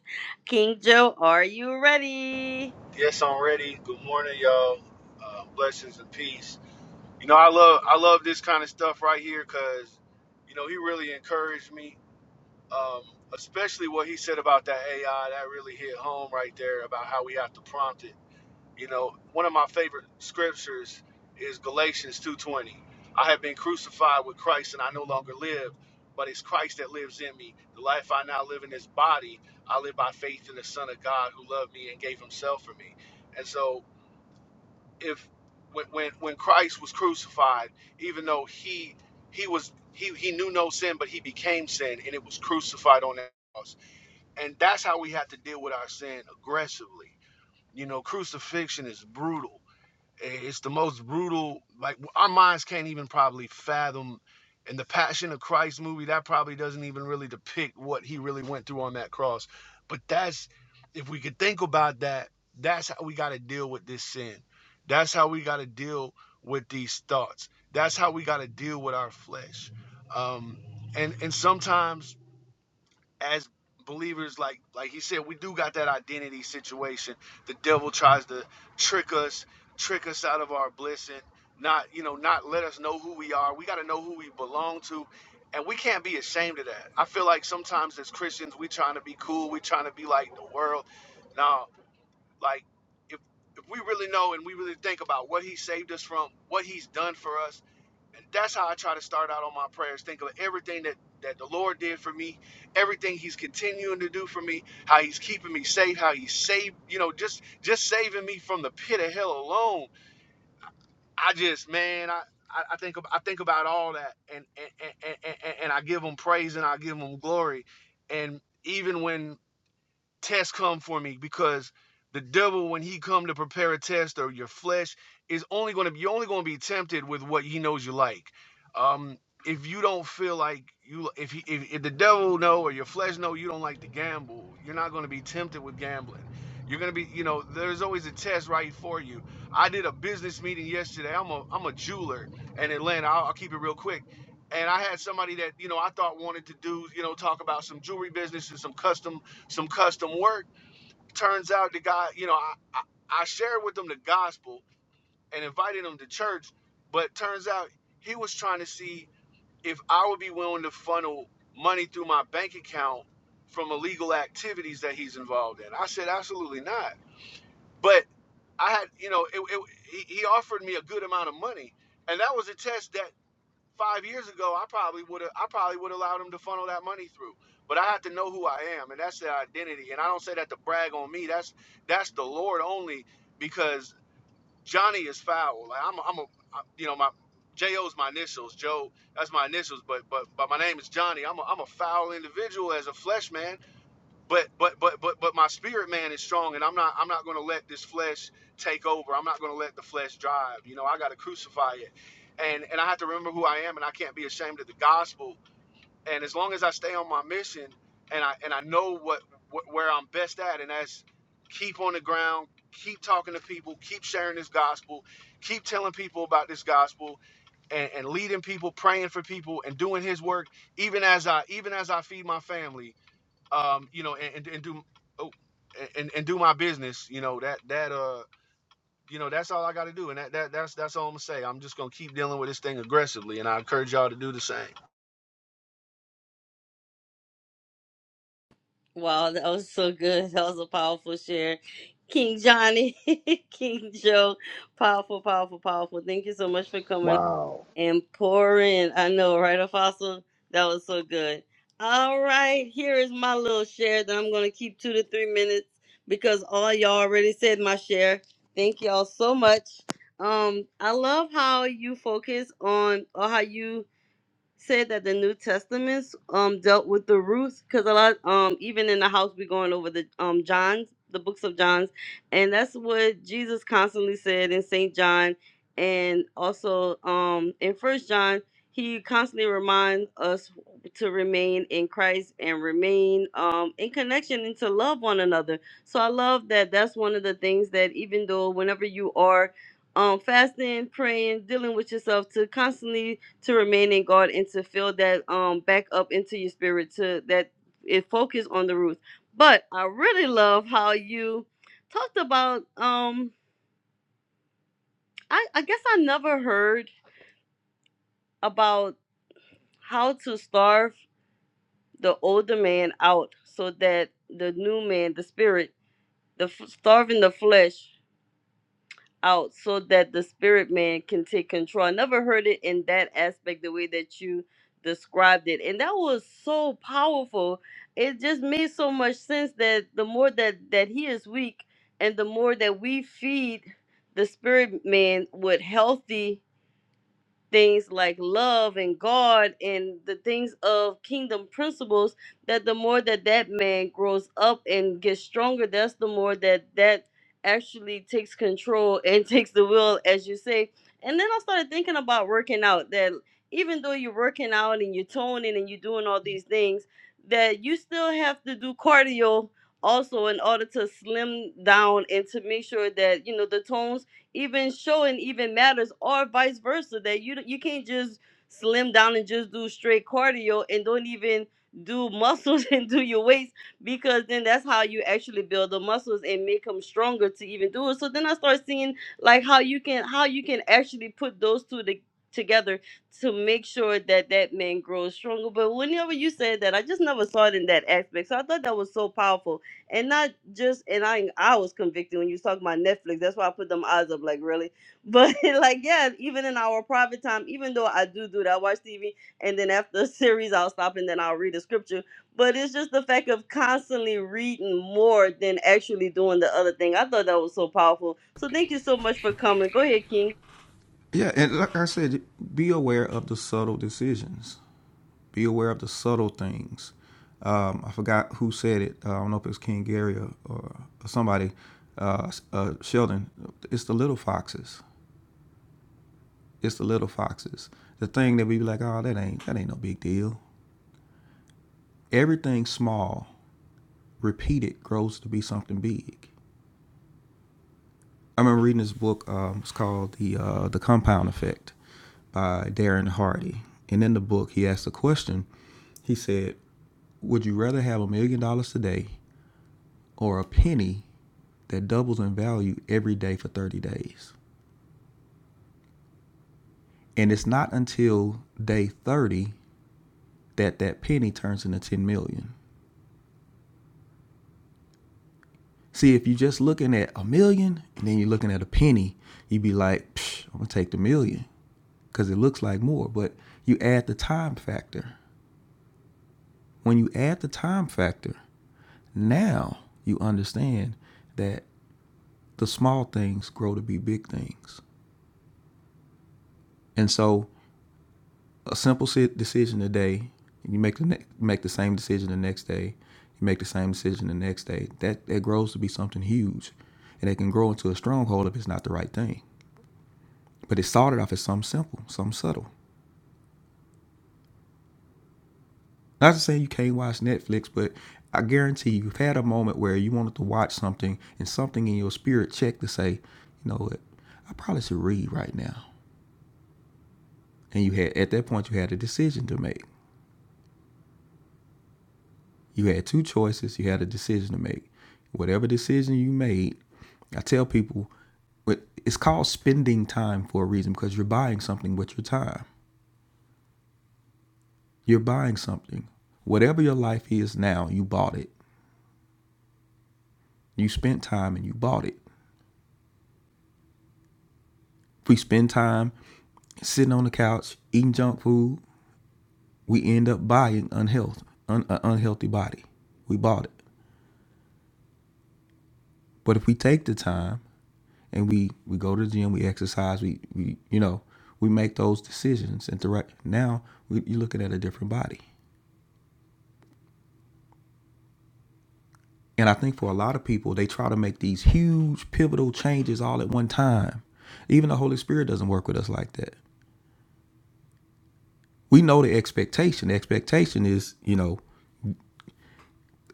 S1: King Joe, are you ready?
S9: Yes, I'm ready. Good morning, y'all. Uh, blessings and peace. You know, I love I love this kind of stuff right here because, you know, he really encouraged me. Um, especially what he said about that AI, that really hit home right there about how we have to prompt it. You know, one of my favorite scriptures is Galatians 2:20. I have been crucified with Christ, and I no longer live, but it's Christ that lives in me. The life I now live in this body, I live by faith in the Son of God who loved me and gave Himself for me. And so if when when Christ was crucified, even though he he was he he knew no sin, but he became sin, and it was crucified on that cross. And that's how we have to deal with our sin aggressively. You know, crucifixion is brutal it's the most brutal. Like our minds can't even probably fathom. In the Passion of Christ movie, that probably doesn't even really depict what he really went through on that cross. But that's if we could think about that. That's how we got to deal with this sin. That's how we got to deal with these thoughts. That's how we got to deal with our flesh. Um, and and sometimes as believers like like he said we do got that identity situation the devil tries to trick us trick us out of our blessing not you know not let us know who we are we got to know who we belong to and we can't be ashamed of that i feel like sometimes as christians we trying to be cool we trying to be like the world no like if if we really know and we really think about what he saved us from what he's done for us and that's how I try to start out on my prayers. Think of everything that, that the Lord did for me, everything He's continuing to do for me, how He's keeping me safe, how He's saved, you know, just just saving me from the pit of hell alone. I just, man, I, I, I think I think about all that, and, and and and and I give Him praise and I give Him glory. And even when test come for me because the devil when he come to prepare a test or your flesh is only going to be you're only going to be tempted with what he knows you like um if you don't feel like you if he if, if the devil know or your flesh know you don't like to gamble you're not going to be tempted with gambling you're going to be you know there's always a test right for you i did a business meeting yesterday i'm a i'm a jeweler in atlanta i'll, I'll keep it real quick and i had somebody that you know i thought wanted to do you know talk about some jewelry business and some custom some custom work. Turns out the guy, you know, I, I, I shared with him the gospel and invited him to church, but turns out he was trying to see if I would be willing to funnel money through my bank account from illegal activities that he's involved in. I said, absolutely not. But I had, you know, it, it, he he offered me a good amount of money. And that was a test that five years ago, I probably would have I probably would have allowed him to funnel that money through. But I have to know who I am, and that's the identity. And I don't say that to brag on me. That's that's the Lord only, because Johnny is foul. Like I'm, a, I'm a, I- you know, my Jo's my initials. Joe, that's my initials. But but but my name is Johnny. I'm a, I'm a foul individual as a flesh man but but but but but my spirit man is strong and i'm not i'm not going to let this flesh take over i'm not going to let the flesh drive you know i got to crucify it and and i have to remember who i am and i can't be ashamed of the gospel and as long as i stay on my mission and i and i know what, what where i'm best at and that's keep on the ground keep talking to people keep sharing this gospel keep telling people about this gospel and, and leading people praying for people and doing his work even as i even as i feed my family um, you know, and, and, and do oh, and, and do my business, you know, that that uh you know, that's all I gotta do. And that, that that's that's all I'm gonna say. I'm just gonna keep dealing with this thing aggressively and I encourage y'all to do the same.
S1: Wow, that was so good. That was a powerful share. King Johnny, King Joe, powerful, powerful, powerful. Thank you so much for coming.
S2: Wow.
S1: and pour in. I know, right, Apostle? That was so good. All right, here is my little share that I'm going to keep two to three minutes because all y'all already said my share. Thank y'all so much. Um, I love how you focus on or how you said that the New Testaments um dealt with the Ruth because a lot um even in the house we're going over the um John's the books of John's and that's what Jesus constantly said in Saint John and also um in First John he constantly reminds us to remain in Christ and remain um in connection and to love one another. So I love that that's one of the things that even though whenever you are um fasting, praying, dealing with yourself to constantly to remain in God and to fill that um back up into your spirit to that it focus on the roots. But I really love how you talked about um I, I guess I never heard about how to starve the older man out so that the new man, the spirit, the f- starving the flesh out so that the spirit man can take control. I never heard it in that aspect, the way that you described it. And that was so powerful. It just made so much sense that the more that, that he is weak and the more that we feed the spirit man with healthy things like love and God and the things of kingdom principles that the more that that man grows up and gets stronger that's the more that that actually takes control and takes the will as you say and then I started thinking about working out that even though you're working out and you're toning and you're doing all these things that you still have to do cardio also in order to slim down and to make sure that you know the tones even showing even matters or vice versa that you you can't just slim down and just do straight cardio and don't even do muscles and do your weights because then that's how you actually build the muscles and make them stronger to even do it so then i start seeing like how you can how you can actually put those two to, together to make sure that that man grows stronger but whenever you said that i just never saw it in that aspect so i thought that was so powerful and not just and I I was convicted when you was talking about Netflix. That's why I put them eyes up like really. But like yeah, even in our private time, even though I do do that, I watch TV and then after a series I'll stop and then I'll read a scripture. But it's just the fact of constantly reading more than actually doing the other thing. I thought that was so powerful. So thank you so much for coming. Go ahead, King.
S3: Yeah, and like I said, be aware of the subtle decisions. Be aware of the subtle things. Um, I forgot who said it. Uh, I don't know if it was King Gary or, or somebody. Uh, uh, Sheldon, it's the little foxes. It's the little foxes. The thing that we be like, oh, that ain't that ain't no big deal. everything small repeated grows to be something big. I remember reading this book. Um, it's called the uh, the Compound Effect by Darren Hardy. And in the book, he asked a question. He said, "Would you rather have a million dollars today or a penny that doubles in value every day for 30 days?" And it's not until day 30 that that penny turns into 10 million. See, if you're just looking at a million and then you're looking at a penny, you'd be like, "I'm gonna take the million." because it looks like more, but you add the time factor. When you add the time factor, now you understand that the small things grow to be big things. And so, a simple si- decision today, you make the ne- make the same decision the next day, you make the same decision the next day. That that grows to be something huge, and it can grow into a stronghold if it's not the right thing. But it started off as something simple, something subtle. Not to say you can't watch Netflix, but I guarantee you, you've had a moment where you wanted to watch something and something in your spirit checked to say, you know what, I probably should read right now. And you had at that point you had a decision to make. You had two choices, you had a decision to make. Whatever decision you made, I tell people it's called spending time for a reason because you're buying something with your time. You're buying something. Whatever your life is now, you bought it. You spent time and you bought it. If we spend time sitting on the couch, eating junk food, we end up buying unhealth, un, an unhealthy body. We bought it. But if we take the time and we we go to the gym, we exercise, we, we you know, we make those decisions. And direct now we, you're looking at a different body. And I think for a lot of people, they try to make these huge pivotal changes all at one time. Even the Holy Spirit doesn't work with us like that. We know the expectation. The expectation is, you know,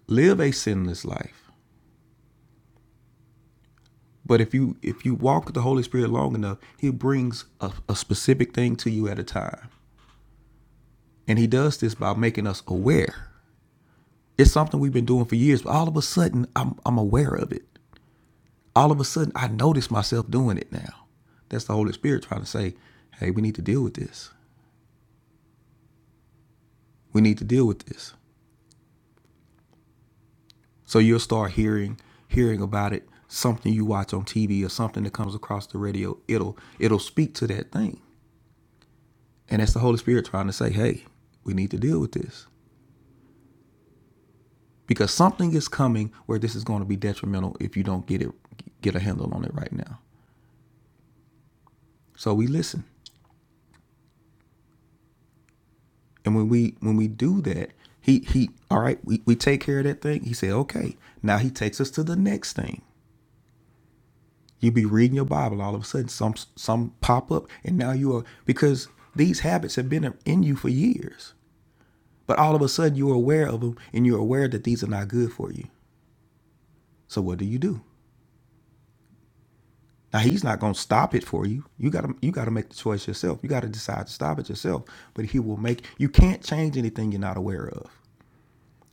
S3: live a sinless life. But if you if you walk with the Holy Spirit long enough, He brings a, a specific thing to you at a time, and He does this by making us aware. It's something we've been doing for years, but all of a sudden I'm I'm aware of it. All of a sudden I notice myself doing it now. That's the Holy Spirit trying to say, "Hey, we need to deal with this. We need to deal with this." So you'll start hearing hearing about it. Something you watch on TV or something that comes across the radio, it'll it'll speak to that thing, and that's the Holy Spirit trying to say, "Hey, we need to deal with this." because something is coming where this is going to be detrimental if you don't get it get a handle on it right now so we listen and when we when we do that he he all right we, we take care of that thing he said okay now he takes us to the next thing you be reading your bible all of a sudden some some pop up and now you are because these habits have been in you for years but all of a sudden you're aware of them and you're aware that these are not good for you so what do you do Now he's not going to stop it for you. You got to you got to make the choice yourself. You got to decide to stop it yourself. But he will make you can't change anything you're not aware of.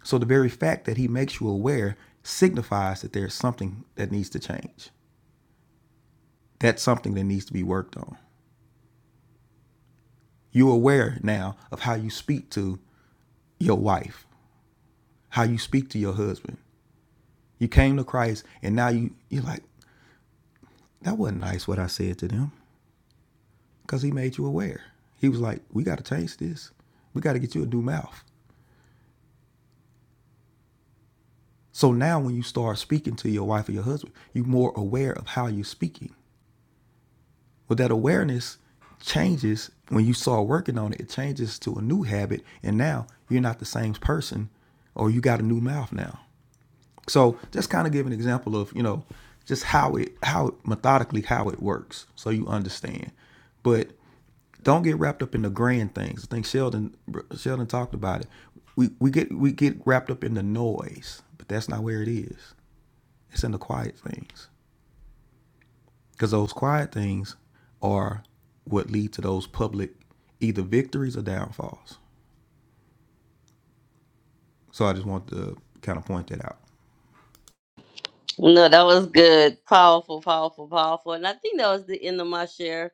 S3: So the very fact that he makes you aware signifies that there's something that needs to change. That's something that needs to be worked on. You're aware now of how you speak to your wife, how you speak to your husband. You came to Christ and now you you're like that wasn't nice what I said to them because he made you aware. He was like, "We got to change this. We got to get you a new mouth." So now when you start speaking to your wife or your husband, you're more aware of how you're speaking. Well, that awareness changes when you start working on it, it changes to a new habit. And now you're not the same person or you got a new mouth now. So just kind of give an example of, you know, just how it how it, methodically how it works so you understand. But don't get wrapped up in the grand things. I think Sheldon Sheldon talked about it. We we get we get wrapped up in the noise, but that's not where it is. It's in the quiet things. Because those quiet things are what lead to those public either victories or downfalls. So I just want to kind of point that out.
S1: No, that was good. Powerful, powerful, powerful. And I think that was the end of my share.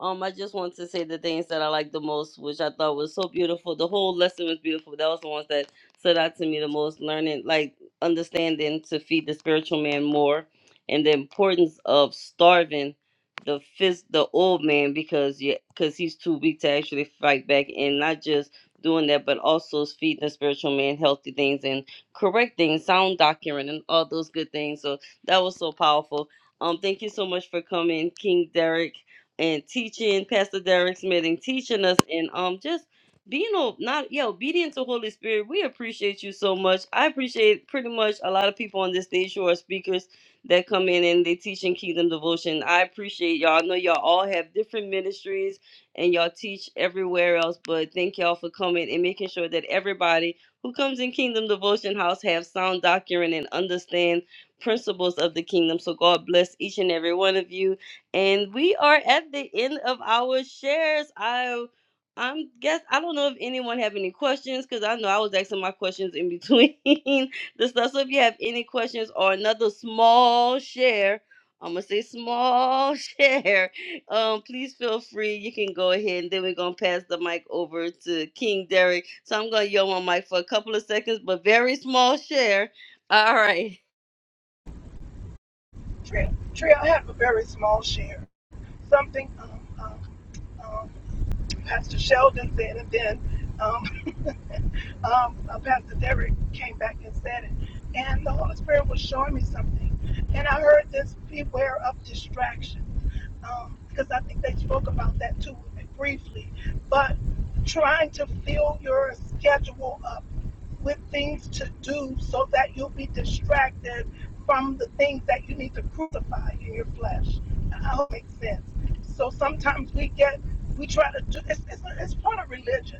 S1: Um, I just want to say the things that I like the most, which I thought was so beautiful. The whole lesson was beautiful. That was the ones that stood out to me the most. Learning, like understanding to feed the spiritual man more, and the importance of starving the fist, the old man, because yeah, because he's too weak to actually fight back, and not just doing that, but also feeding the spiritual man healthy things. Correcting, sound doctrine, and all those good things. So that was so powerful. Um, thank you so much for coming, King Derek, and teaching Pastor Derek Smith and teaching us, and um, just being o- not yeah obedient to Holy Spirit. We appreciate you so much. I appreciate pretty much a lot of people on this stage who are speakers that come in and they teach in Kingdom Devotion. I appreciate y'all. I know y'all all have different ministries and y'all teach everywhere else. But thank y'all for coming and making sure that everybody who comes in Kingdom Devotion House have sound doctrine and understand principles of the kingdom. So God bless each and every one of you. And we are at the end of our shares. I I'm guess I don't know if anyone have any questions because I know I was asking my questions in between the stuff. So if you have any questions or another small share, I'm gonna say small share um, please feel free. You can go ahead, and then we're gonna pass the mic over to King Derek. So I'm gonna yell my mic for a couple of seconds, but very small share. All right.
S6: Tria, Tria I have a very small share. Something um, um, um, Pastor Sheldon said, and then um, um, uh, Pastor Derek came back and said it. And the Holy Spirit was showing me something. And I heard this beware of distraction. Um, because I think they spoke about that too briefly. But trying to fill your schedule up with things to do so that you'll be distracted from the things that you need to crucify in your flesh. I hope it makes sense. So sometimes we get, we try to do, it's, it's, it's part of religion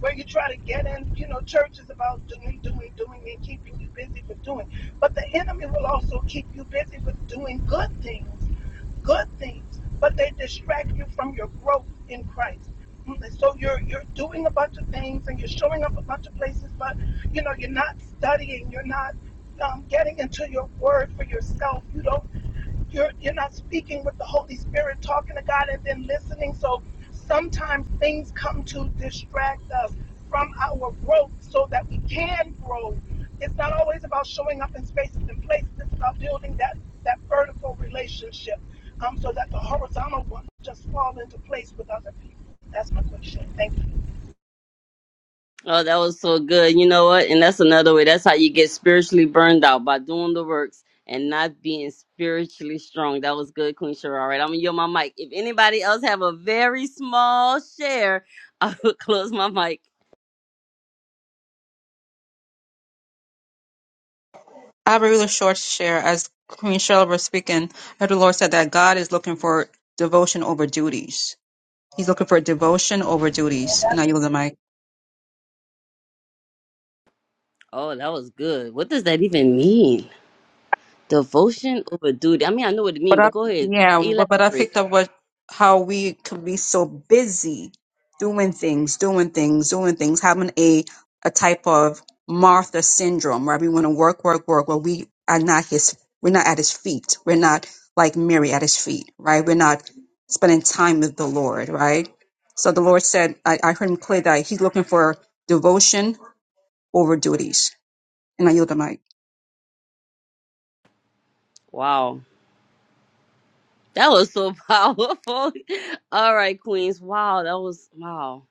S6: where you try to get in, you know, church is about doing, doing, doing, and keeping you busy for doing. But the enemy will also keep you busy with doing good things, good things, but they distract you from your growth in Christ. Mm, and So you're you're doing a bunch of things and you're showing up a bunch of places, but you know you're not studying, you're not um, getting into your word for yourself. You don't. You're you're not speaking with the Holy Spirit, talking to God and then listening. So sometimes things come to distract us from our growth so that we can grow. It's not always about showing up in spaces and places. It's about building that that vertical relationship um, so that the horizontal one just fall into place with other people. That's my question. Thank you.
S1: Oh, that was so good. You know what? And that's another way. That's how you get spiritually burned out by doing the works and not being spiritually strong. That was good, Queen Shara. All right, I'm gonna yell my mic. If anybody else have a very small share, I will close my mic.
S4: I have a really short share. As Queen Cheryl was speaking, I heard the Lord said that God is looking for devotion over duties. He's looking for devotion over duties. And I yield the mic.
S1: Oh, that was good. What does that even mean? Devotion over duty. I mean, I know what it
S4: But
S1: means, but
S4: I,
S1: go ahead,
S4: yeah, but but I
S1: elaborate.
S4: picked up what how we could be so busy doing things, doing things, doing things, having a a type of Martha syndrome where we want to work, work, work, where we are not his, we're not at his feet, we're not like Mary at his feet, right? We're not spending time with the Lord, right? So the Lord said, I, I heard him clear that he's looking for devotion over duties, and I yield the mic.
S1: Wow, that was so powerful. All right, Queens. Wow, that was wow.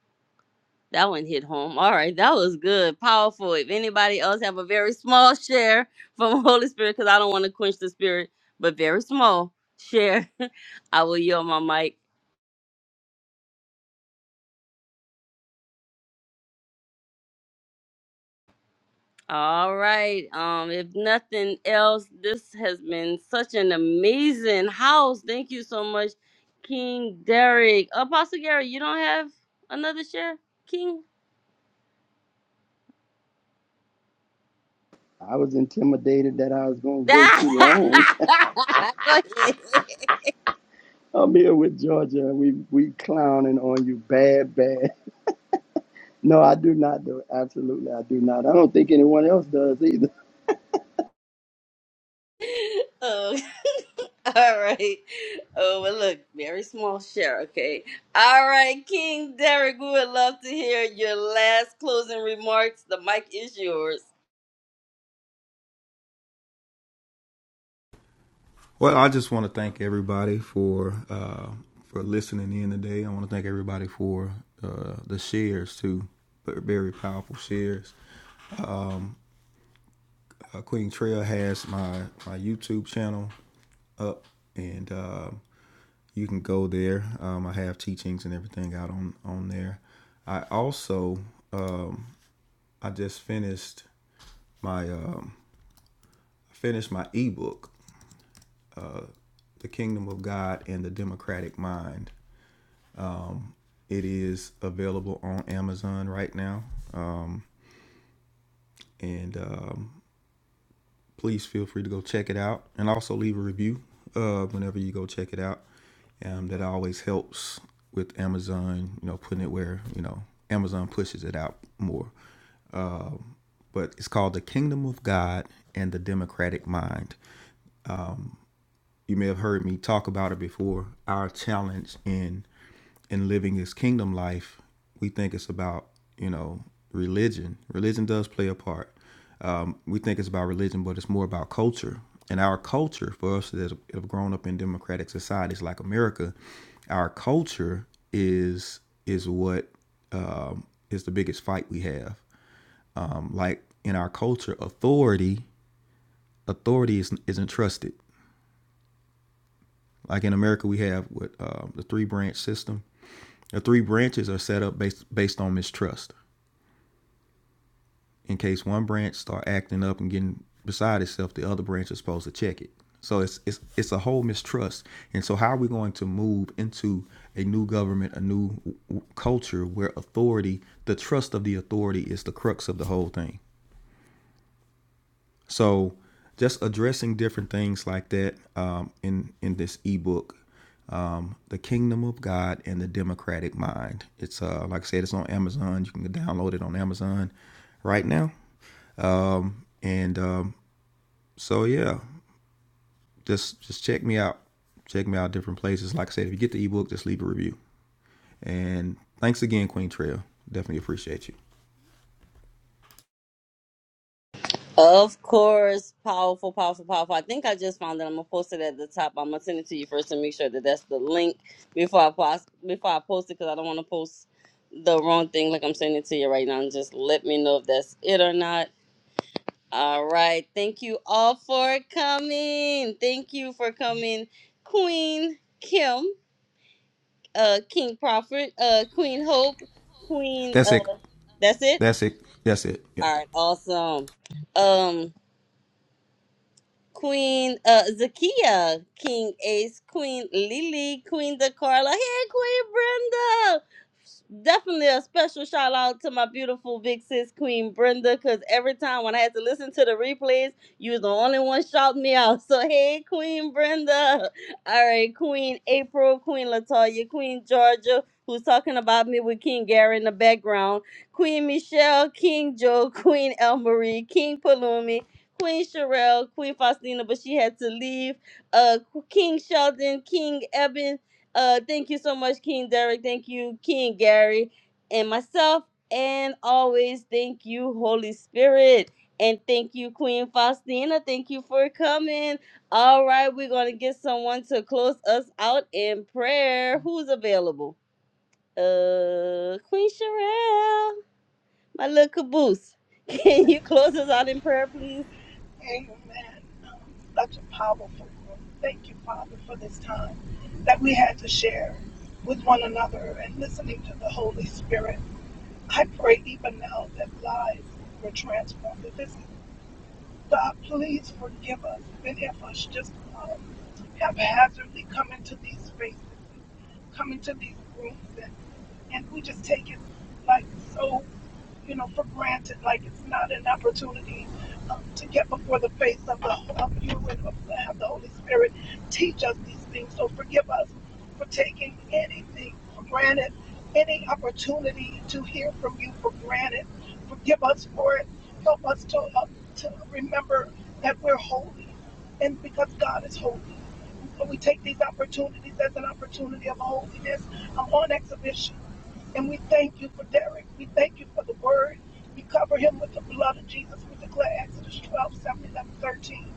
S1: That one hit home. All right, that was good, powerful. If anybody else have a very small share from Holy Spirit, because I don't want to quench the spirit, but very small share, I will yield my mic. All right. Um, if nothing else, this has been such an amazing house. Thank you so much, King Derek. Apostle Gary, you don't have another share, King?
S2: I was intimidated that I was going to
S1: Go
S2: go too long.
S1: ahead.
S2: I'm here with Georgia. We we clowning on you bad, bad. No, I do not do it. Absolutely, I do not. I don't think anyone else does either.
S1: oh, all right. Oh, well, look, very small share, okay? All right, King Derek, we would love to hear your last closing remarks. The mic is yours.
S3: Well, I just want to thank everybody for uh, for listening in today. I want to thank everybody for uh, the shares too. Very powerful shares Um, uh, Queen Trail has my my YouTube channel up, and um you can go there. Um, I have teachings and everything out on on there. I also um, I just finished my um, finished my ebook, The Kingdom of God and the Democratic Mind. It is available on Amazon right now, and um, please feel free to go check it out and also leave a review uh, whenever you go check it out. Um, that always helps with Amazon, you know, putting it where, you know, Amazon pushes it out more. But it's called The Kingdom of God and the Democratic Mind. you may have heard me talk about it before. Our challenge in in living this kingdom life, we think it's about you know religion. Religion does play a part. Um, we think it's about religion, but it's more about culture. And our culture, for us that have grown up in democratic societies like America, our culture is is what um, is the biggest fight we have. Um, like in our culture, authority authority is, isn't trusted. Like in America, we have what uh, the three branch system. The three branches are set up based based on mistrust. In case one branch start acting up and getting beside itself, the other branch is supposed to check it. So it's it's it's a whole mistrust. And so how are we going to move into a new government, a new w- culture where authority, the trust of the authority is the crux of the whole thing? So just addressing different things like that um, in in this ebook, um, the Kingdom of God and the Democratic Mind. It's uh like I said, it's on Amazon. You can download it on Amazon right now. Um, and um, so yeah, just just check me out. Check me out different places. Like I said, if you get the ebook, just leave a review. And thanks again, Queen Trail. Definitely appreciate you.
S1: Of course, powerful, powerful, powerful. I think I just found it. I'm gonna post it at the top. I'm gonna send it to you first to make sure that that's the link before I post before I post it because I don't want to post the wrong thing. Like I'm sending it to you right now, and just let me know if that's it or not. All right. Thank you all for coming. Thank you for coming, Queen Kim, uh, King Prophet, uh, Queen Hope, Queen.
S3: That's it.
S1: Uh, that's it.
S3: That's it. That's it. Yeah.
S1: All right. Awesome. Um. Queen uh Zakia, King Ace, Queen Lily, Queen DeCarla, hey Queen Brenda. Definitely a special shout out to my beautiful big sis Queen Brenda, cause every time when I had to listen to the replays, you was the only one shouting me out. So hey Queen Brenda. All right, Queen April, Queen Latoya, Queen Georgia, who's talking about me with King Gary in the background, Queen Michelle, King Joe, Queen El Marie, King Palumi. Queen Sherelle, Queen Faustina, but she had to leave. Uh, King Sheldon, King Eben. Uh, thank you so much, King Derek. Thank you, King Gary, and myself. And always thank you, Holy Spirit. And thank you, Queen Faustina. Thank you for coming. All right, we're gonna get someone to close us out in prayer. Who's available? Uh, Queen Sherelle, my little caboose. Can you close us out in prayer, please?
S6: Amen. Um, Such a powerful word. Thank you, Father, for this time that we had to share with one another and listening to the Holy Spirit. I pray even now that lives were transformed. If it's God, please forgive us. Many of us just um, haphazardly come into these spaces come into these rooms and, and we just take it like so, you know, for granted, like it's not an opportunity um, to get before the face of, the, of you and of, have the Holy Spirit teach us these things. So forgive us for taking anything for granted, any opportunity to hear from you for granted. Forgive us for it. Help us to, uh, to remember that we're holy and because God is holy. And we take these opportunities as an opportunity of holiness. I'm on exhibition. And we thank you for Derek. We thank you for the word. We cover him with the blood of Jesus. We declare Exodus 12, 7, eleven, 13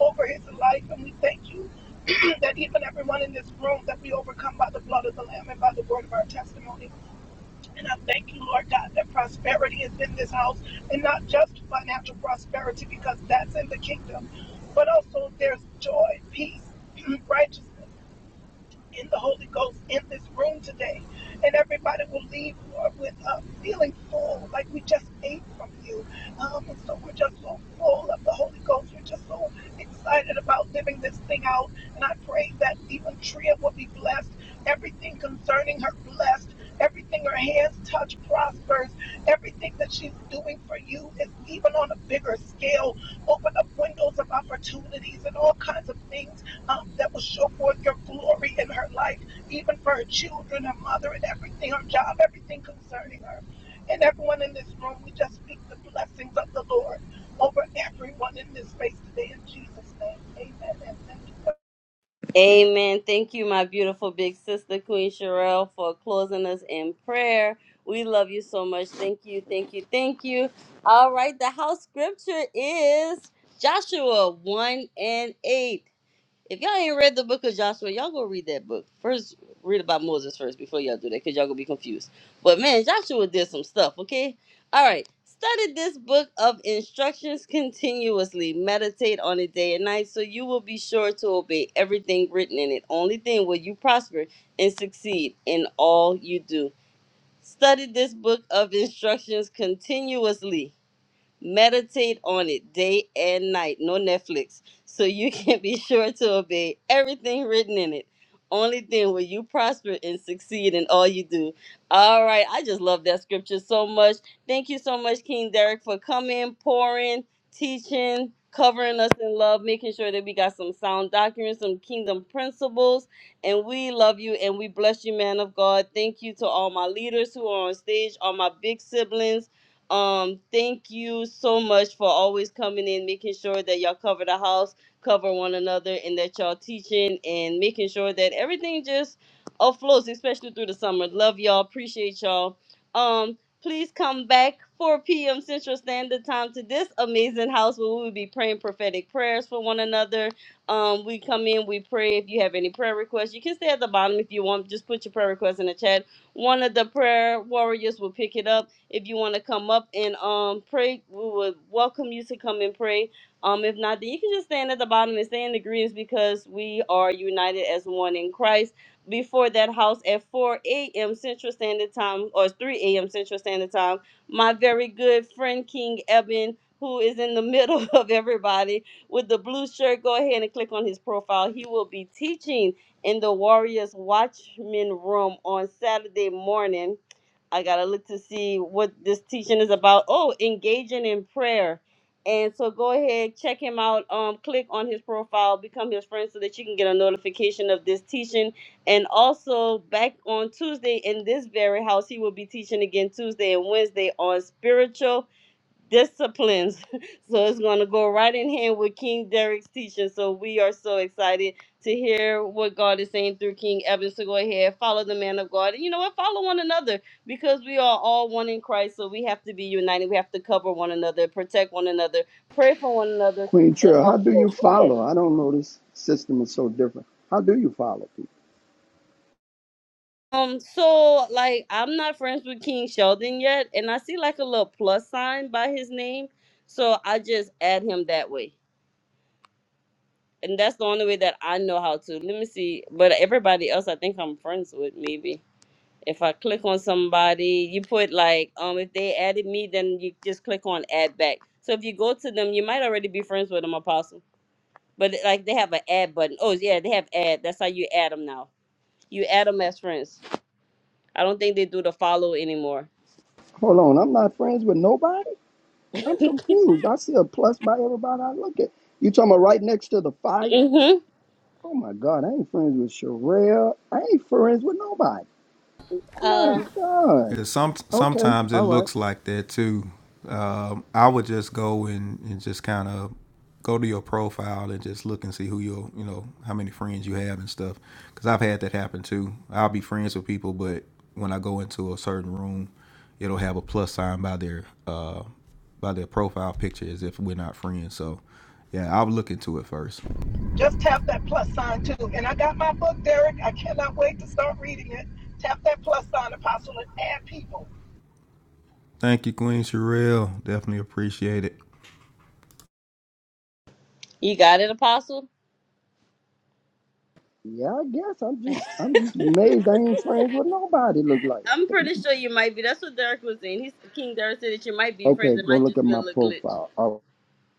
S6: over his life. And we thank you that even everyone in this room that we overcome by the blood of the Lamb and by the word of our testimony. And I thank you, Lord God, that prosperity is in this house and not just financial prosperity because that's in the kingdom, but also there's joy, peace, righteousness in the Holy Ghost in this room today. And everybody will leave Lord, with uh, feeling full, like we just ate from you. Um, and so we're just so full of the Holy Ghost. We're just so excited about living this thing out. And I pray that even Tria will be blessed, everything concerning her blessed Everything her hands touch prospers. Everything that she's doing for you is even on a bigger scale. Open up windows of opportunities and all kinds of things um, that will show forth your glory in her life, even for her children, her mother, and everything, her job, everything concerning her. And everyone in this room, we just speak the blessings of the Lord over everyone in this space today in Jesus' name. Amen and thank you.
S1: Amen. Thank you, my beautiful big sister, Queen Sherelle, for closing us in prayer. We love you so much. Thank you, thank you, thank you. All right, the house scripture is Joshua 1 and 8. If y'all ain't read the book of Joshua, y'all go read that book. First, read about Moses first before y'all do that, because y'all gonna be confused. But man, Joshua did some stuff, okay? All right. Study this book of instructions continuously. Meditate on it day and night so you will be sure to obey everything written in it. Only then will you prosper and succeed in all you do. Study this book of instructions continuously. Meditate on it day and night, no Netflix, so you can be sure to obey everything written in it. Only then will you prosper and succeed in all you do. All right, I just love that scripture so much. Thank you so much, King Derek, for coming, pouring, teaching, covering us in love, making sure that we got some sound doctrine, some kingdom principles. And we love you and we bless you, man of God. Thank you to all my leaders who are on stage, all my big siblings um, thank you so much for always coming in, making sure that y'all cover the house, cover one another, and that y'all teaching and making sure that everything just afloats, especially through the summer. Love y'all, appreciate y'all. Um, please come back 4 p.m. Central Standard Time to this amazing house where we will be praying prophetic prayers for one another. Um, we come in, we pray. If you have any prayer requests, you can stay at the bottom if you want. Just put your prayer request in the chat. One of the prayer warriors will pick it up if you want to come up and um pray, we would welcome you to come and pray. Um, if not, then you can just stand at the bottom and stay in the greens because we are united as one in Christ. Before that house at 4 a.m. Central Standard Time or 3 a.m. Central Standard Time, my very good friend King Eben, who is in the middle of everybody with the blue shirt, go ahead and click on his profile. He will be teaching in the Warriors Watchmen room on Saturday morning I gotta look to see what this teaching is about. Oh, engaging in prayer. And so go ahead, check him out. Um, click on his profile, become his friend so that you can get a notification of this teaching. And also back on Tuesday in this very house, he will be teaching again Tuesday and Wednesday on spiritual disciplines. So it's going to go right in hand with King Derek's teaching. So we are so excited to hear what God is saying through King Evans. So go ahead, follow the man of God. And you know what? Follow one another because we are all one in Christ. So we have to be united. We have to cover one another, protect one another, pray for one another,
S2: Queen
S1: and
S2: Trill, how do you
S1: uphold. Go ahead.
S2: follow? I don't know this system is so different. How do you follow people?
S1: Um, so like I'm not friends with King Sheldon yet, and I see like a little plus sign by his name. So I just add him that way. and that's the only way that I know how to. Let me see. But everybody else, I think I'm friends with maybe. If I click on somebody, you put like um if they added me, then you just click on add back. So if you go to them, you might already be friends with them, Apostle. But like they have an add button. Oh yeah, they have add. That's how you add them now. You add them as friends. I don't think they do the follow anymore.
S2: Hold on, I'm not friends with nobody. I'm confused. I see a plus by everybody I look at. You talking about right next to the fire?
S1: Mm-hmm.
S2: Oh my God, I ain't friends with Sherelle. I ain't friends with nobody. My
S1: Uh,
S2: God.
S3: Yeah, some
S2: Okay,
S3: sometimes it
S2: all right.
S3: looks like that too. Um, I would just go and, and just kind of go to your profile and just look and see who your you know how many friends you have and stuff. Because I've had that happen too. I'll be friends with people, but when I go into a certain room, it'll have a plus sign by their uh, by their profile picture as if we're not friends. So yeah, I'll look into it first.
S6: Just tap that plus sign too. And I got my book, Derek. I cannot wait to start reading it. Tap that plus sign, apostle, and add people.
S3: Thank you, Queen Sherelle. Definitely appreciate it.
S1: you got it, Apostle.
S2: Yeah, I guess I'm just I'm just amazed I ain't friends with nobody. Look like.
S1: I'm pretty sure you might be. That's what Derek was saying. He's King Derek said that you might be
S2: Okay,
S1: friends. It
S2: go
S1: might
S2: look
S1: just
S2: at
S1: be a
S2: my
S1: little glitch.
S2: profile.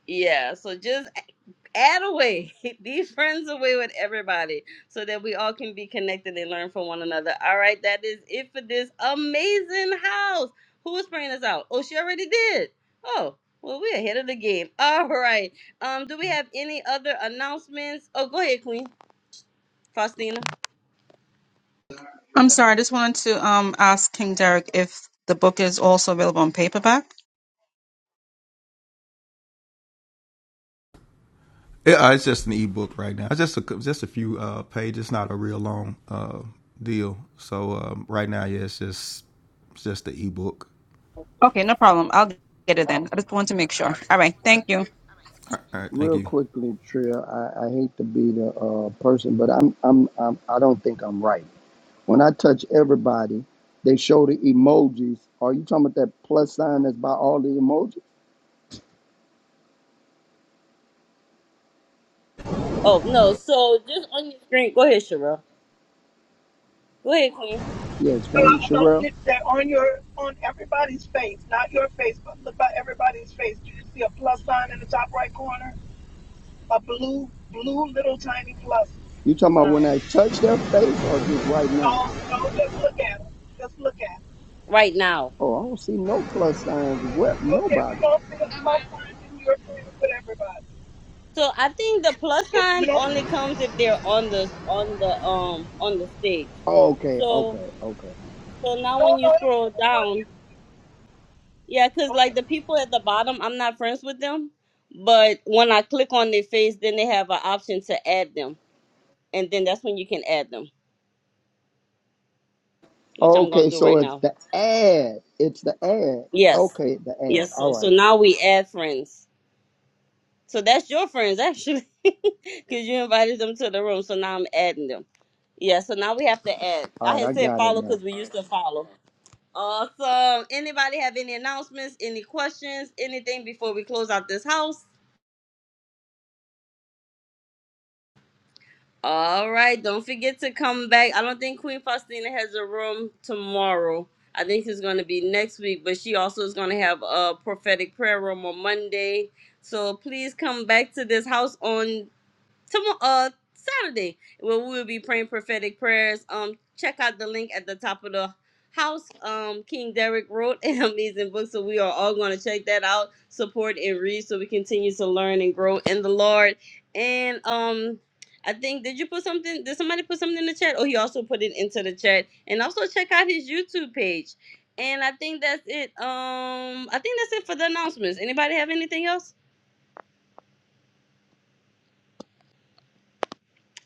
S1: Yeah. So just a- add away, be friends away with everybody, so that we all can be connected and learn from one another. All right. That is it for this amazing house. Who is bringing us out? Oh, she already did. Oh. Well, we're ahead of the game. All right. Um, do we have any other announcements? Oh, go ahead, Queen Faustina.
S4: I'm sorry, I just wanted to um ask King Derek if the book is also available on paperback.
S3: It, uh, it's just an ebook right now. It's just a just a few uh, pages. It's not a real long uh, deal. So um, right now, yeah, it's just it's just the ebook.
S4: Okay, no problem. I'll get it then. I just want to make sure. All right, thank you.
S3: All right, all right, thank
S2: Real
S3: you.
S2: quickly, Trill, I, I hate to be the uh, person, but I'm, I'm, I'm, I don't think I'm right. When I touch everybody, they show the emojis. Are you talking about that plus sign that's by all the emojis?
S1: Oh no. So just on your screen. Go ahead, Cheryl. Go ahead, Queen.
S2: Yeah, explain,
S6: Uh, no,
S2: Sherelle.
S6: They're on your on everybody's face, not your face, but look at everybody's face. Do you see a plus sign in the top right corner? A blue, blue little tiny plus
S2: You talking about when
S6: sign.
S2: I touch their face or just right now?
S6: Don't don't just look at them. Just look at them.
S1: Right now.
S2: Oh, I don't see no plus signs. What?
S6: Okay, if you
S2: Nobody.
S6: don't see a plus sign, then you're agreeing with everybody.
S1: So I think the plus
S6: If you
S1: sign
S6: don't,
S1: only comes if they're on the on the um on the stage.
S2: Okay, okay,
S1: So
S2: okay.
S1: so now when
S6: no,
S1: you
S6: no, it don't
S1: scroll
S6: put anyone in.
S1: down, yeah, cause
S6: Okay,
S1: like the people at the bottom, I'm not friends with them, but when I click on their face, then they have an option to add them, and then that's when you can add them, which I'm gonna
S2: Okay,
S1: do
S2: so
S1: right
S2: it's
S1: now.
S2: the ad. It's the ad.
S1: Yes,
S2: Okay, the ad.
S1: yes. So
S2: All
S1: so
S2: right,
S1: now we add friends. So that's your friends actually, because you invited them to the room. So now I'm adding them. Yeah. So now we have to add.
S2: all
S1: I
S2: right, I
S1: had said
S2: got it
S1: follow
S2: now.
S1: because we used to follow. Awesome. Anybody have any announcements? Any questions? Anything before we close out this house? All right. Don't forget to come back. I don't think Queen Faustina has a room tomorrow. I think it's going to be next week, but she also is going to have a prophetic prayer room on Monday. So please come back to this house on tomorrow uh Saturday where we will be praying prophetic prayers. Um check out the link at the top of the house. Um King Derek wrote an amazing book. So we are all gonna check that out, support and read so we continue to learn and grow in the Lord. And um I think did you put something did somebody put something in the chat? Oh he also put it into the chat. And also check out his YouTube page. And I think that's it. Um I think that's it for the announcements. Anybody have anything else?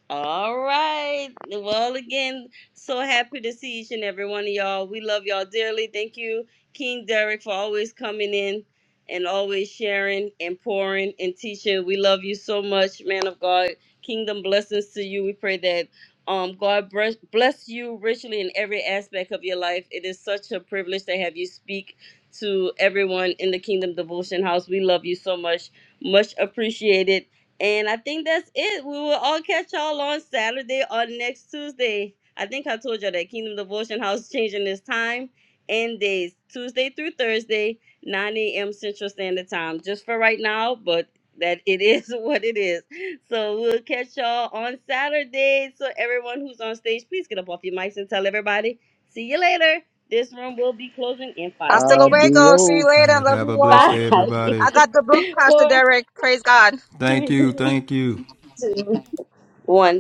S1: All right. Well, again, so happy to see each and every one of y'all. We love y'all dearly. Thank you, King Derek, for always coming in and always sharing and pouring and teaching. We love you so much, man of God. Kingdom blessings to you. We pray that um, God bless bless you richly in every aspect of your life. It is such a privilege to have you speak to everyone in the Kingdom Devotion House. We love you so much. Much appreciated and I think that's it. We will all catch y'all on Saturday or next Tuesday. I think I told y'all that Kingdom Devotion House changing its time and days, Tuesday through Thursday, 9 a.m. Central Standard Time, just for right now, but that it is what it is. So we'll catch y'all on Saturday. So everyone who's on stage, please get up off your mics and tell everybody. See you later. This room will be closing in five
S4: Hasta
S1: seconds.
S4: luego. See you
S3: All
S2: Adios.
S4: later.
S3: right,
S4: Love
S3: have
S4: you
S3: a
S4: all.
S3: blessed
S1: Five,
S3: day, everybody.
S4: I got the book, Pastor
S1: four,
S4: Derek. Praise God.
S3: Thank you,
S1: three,
S3: thank you.
S1: two, one.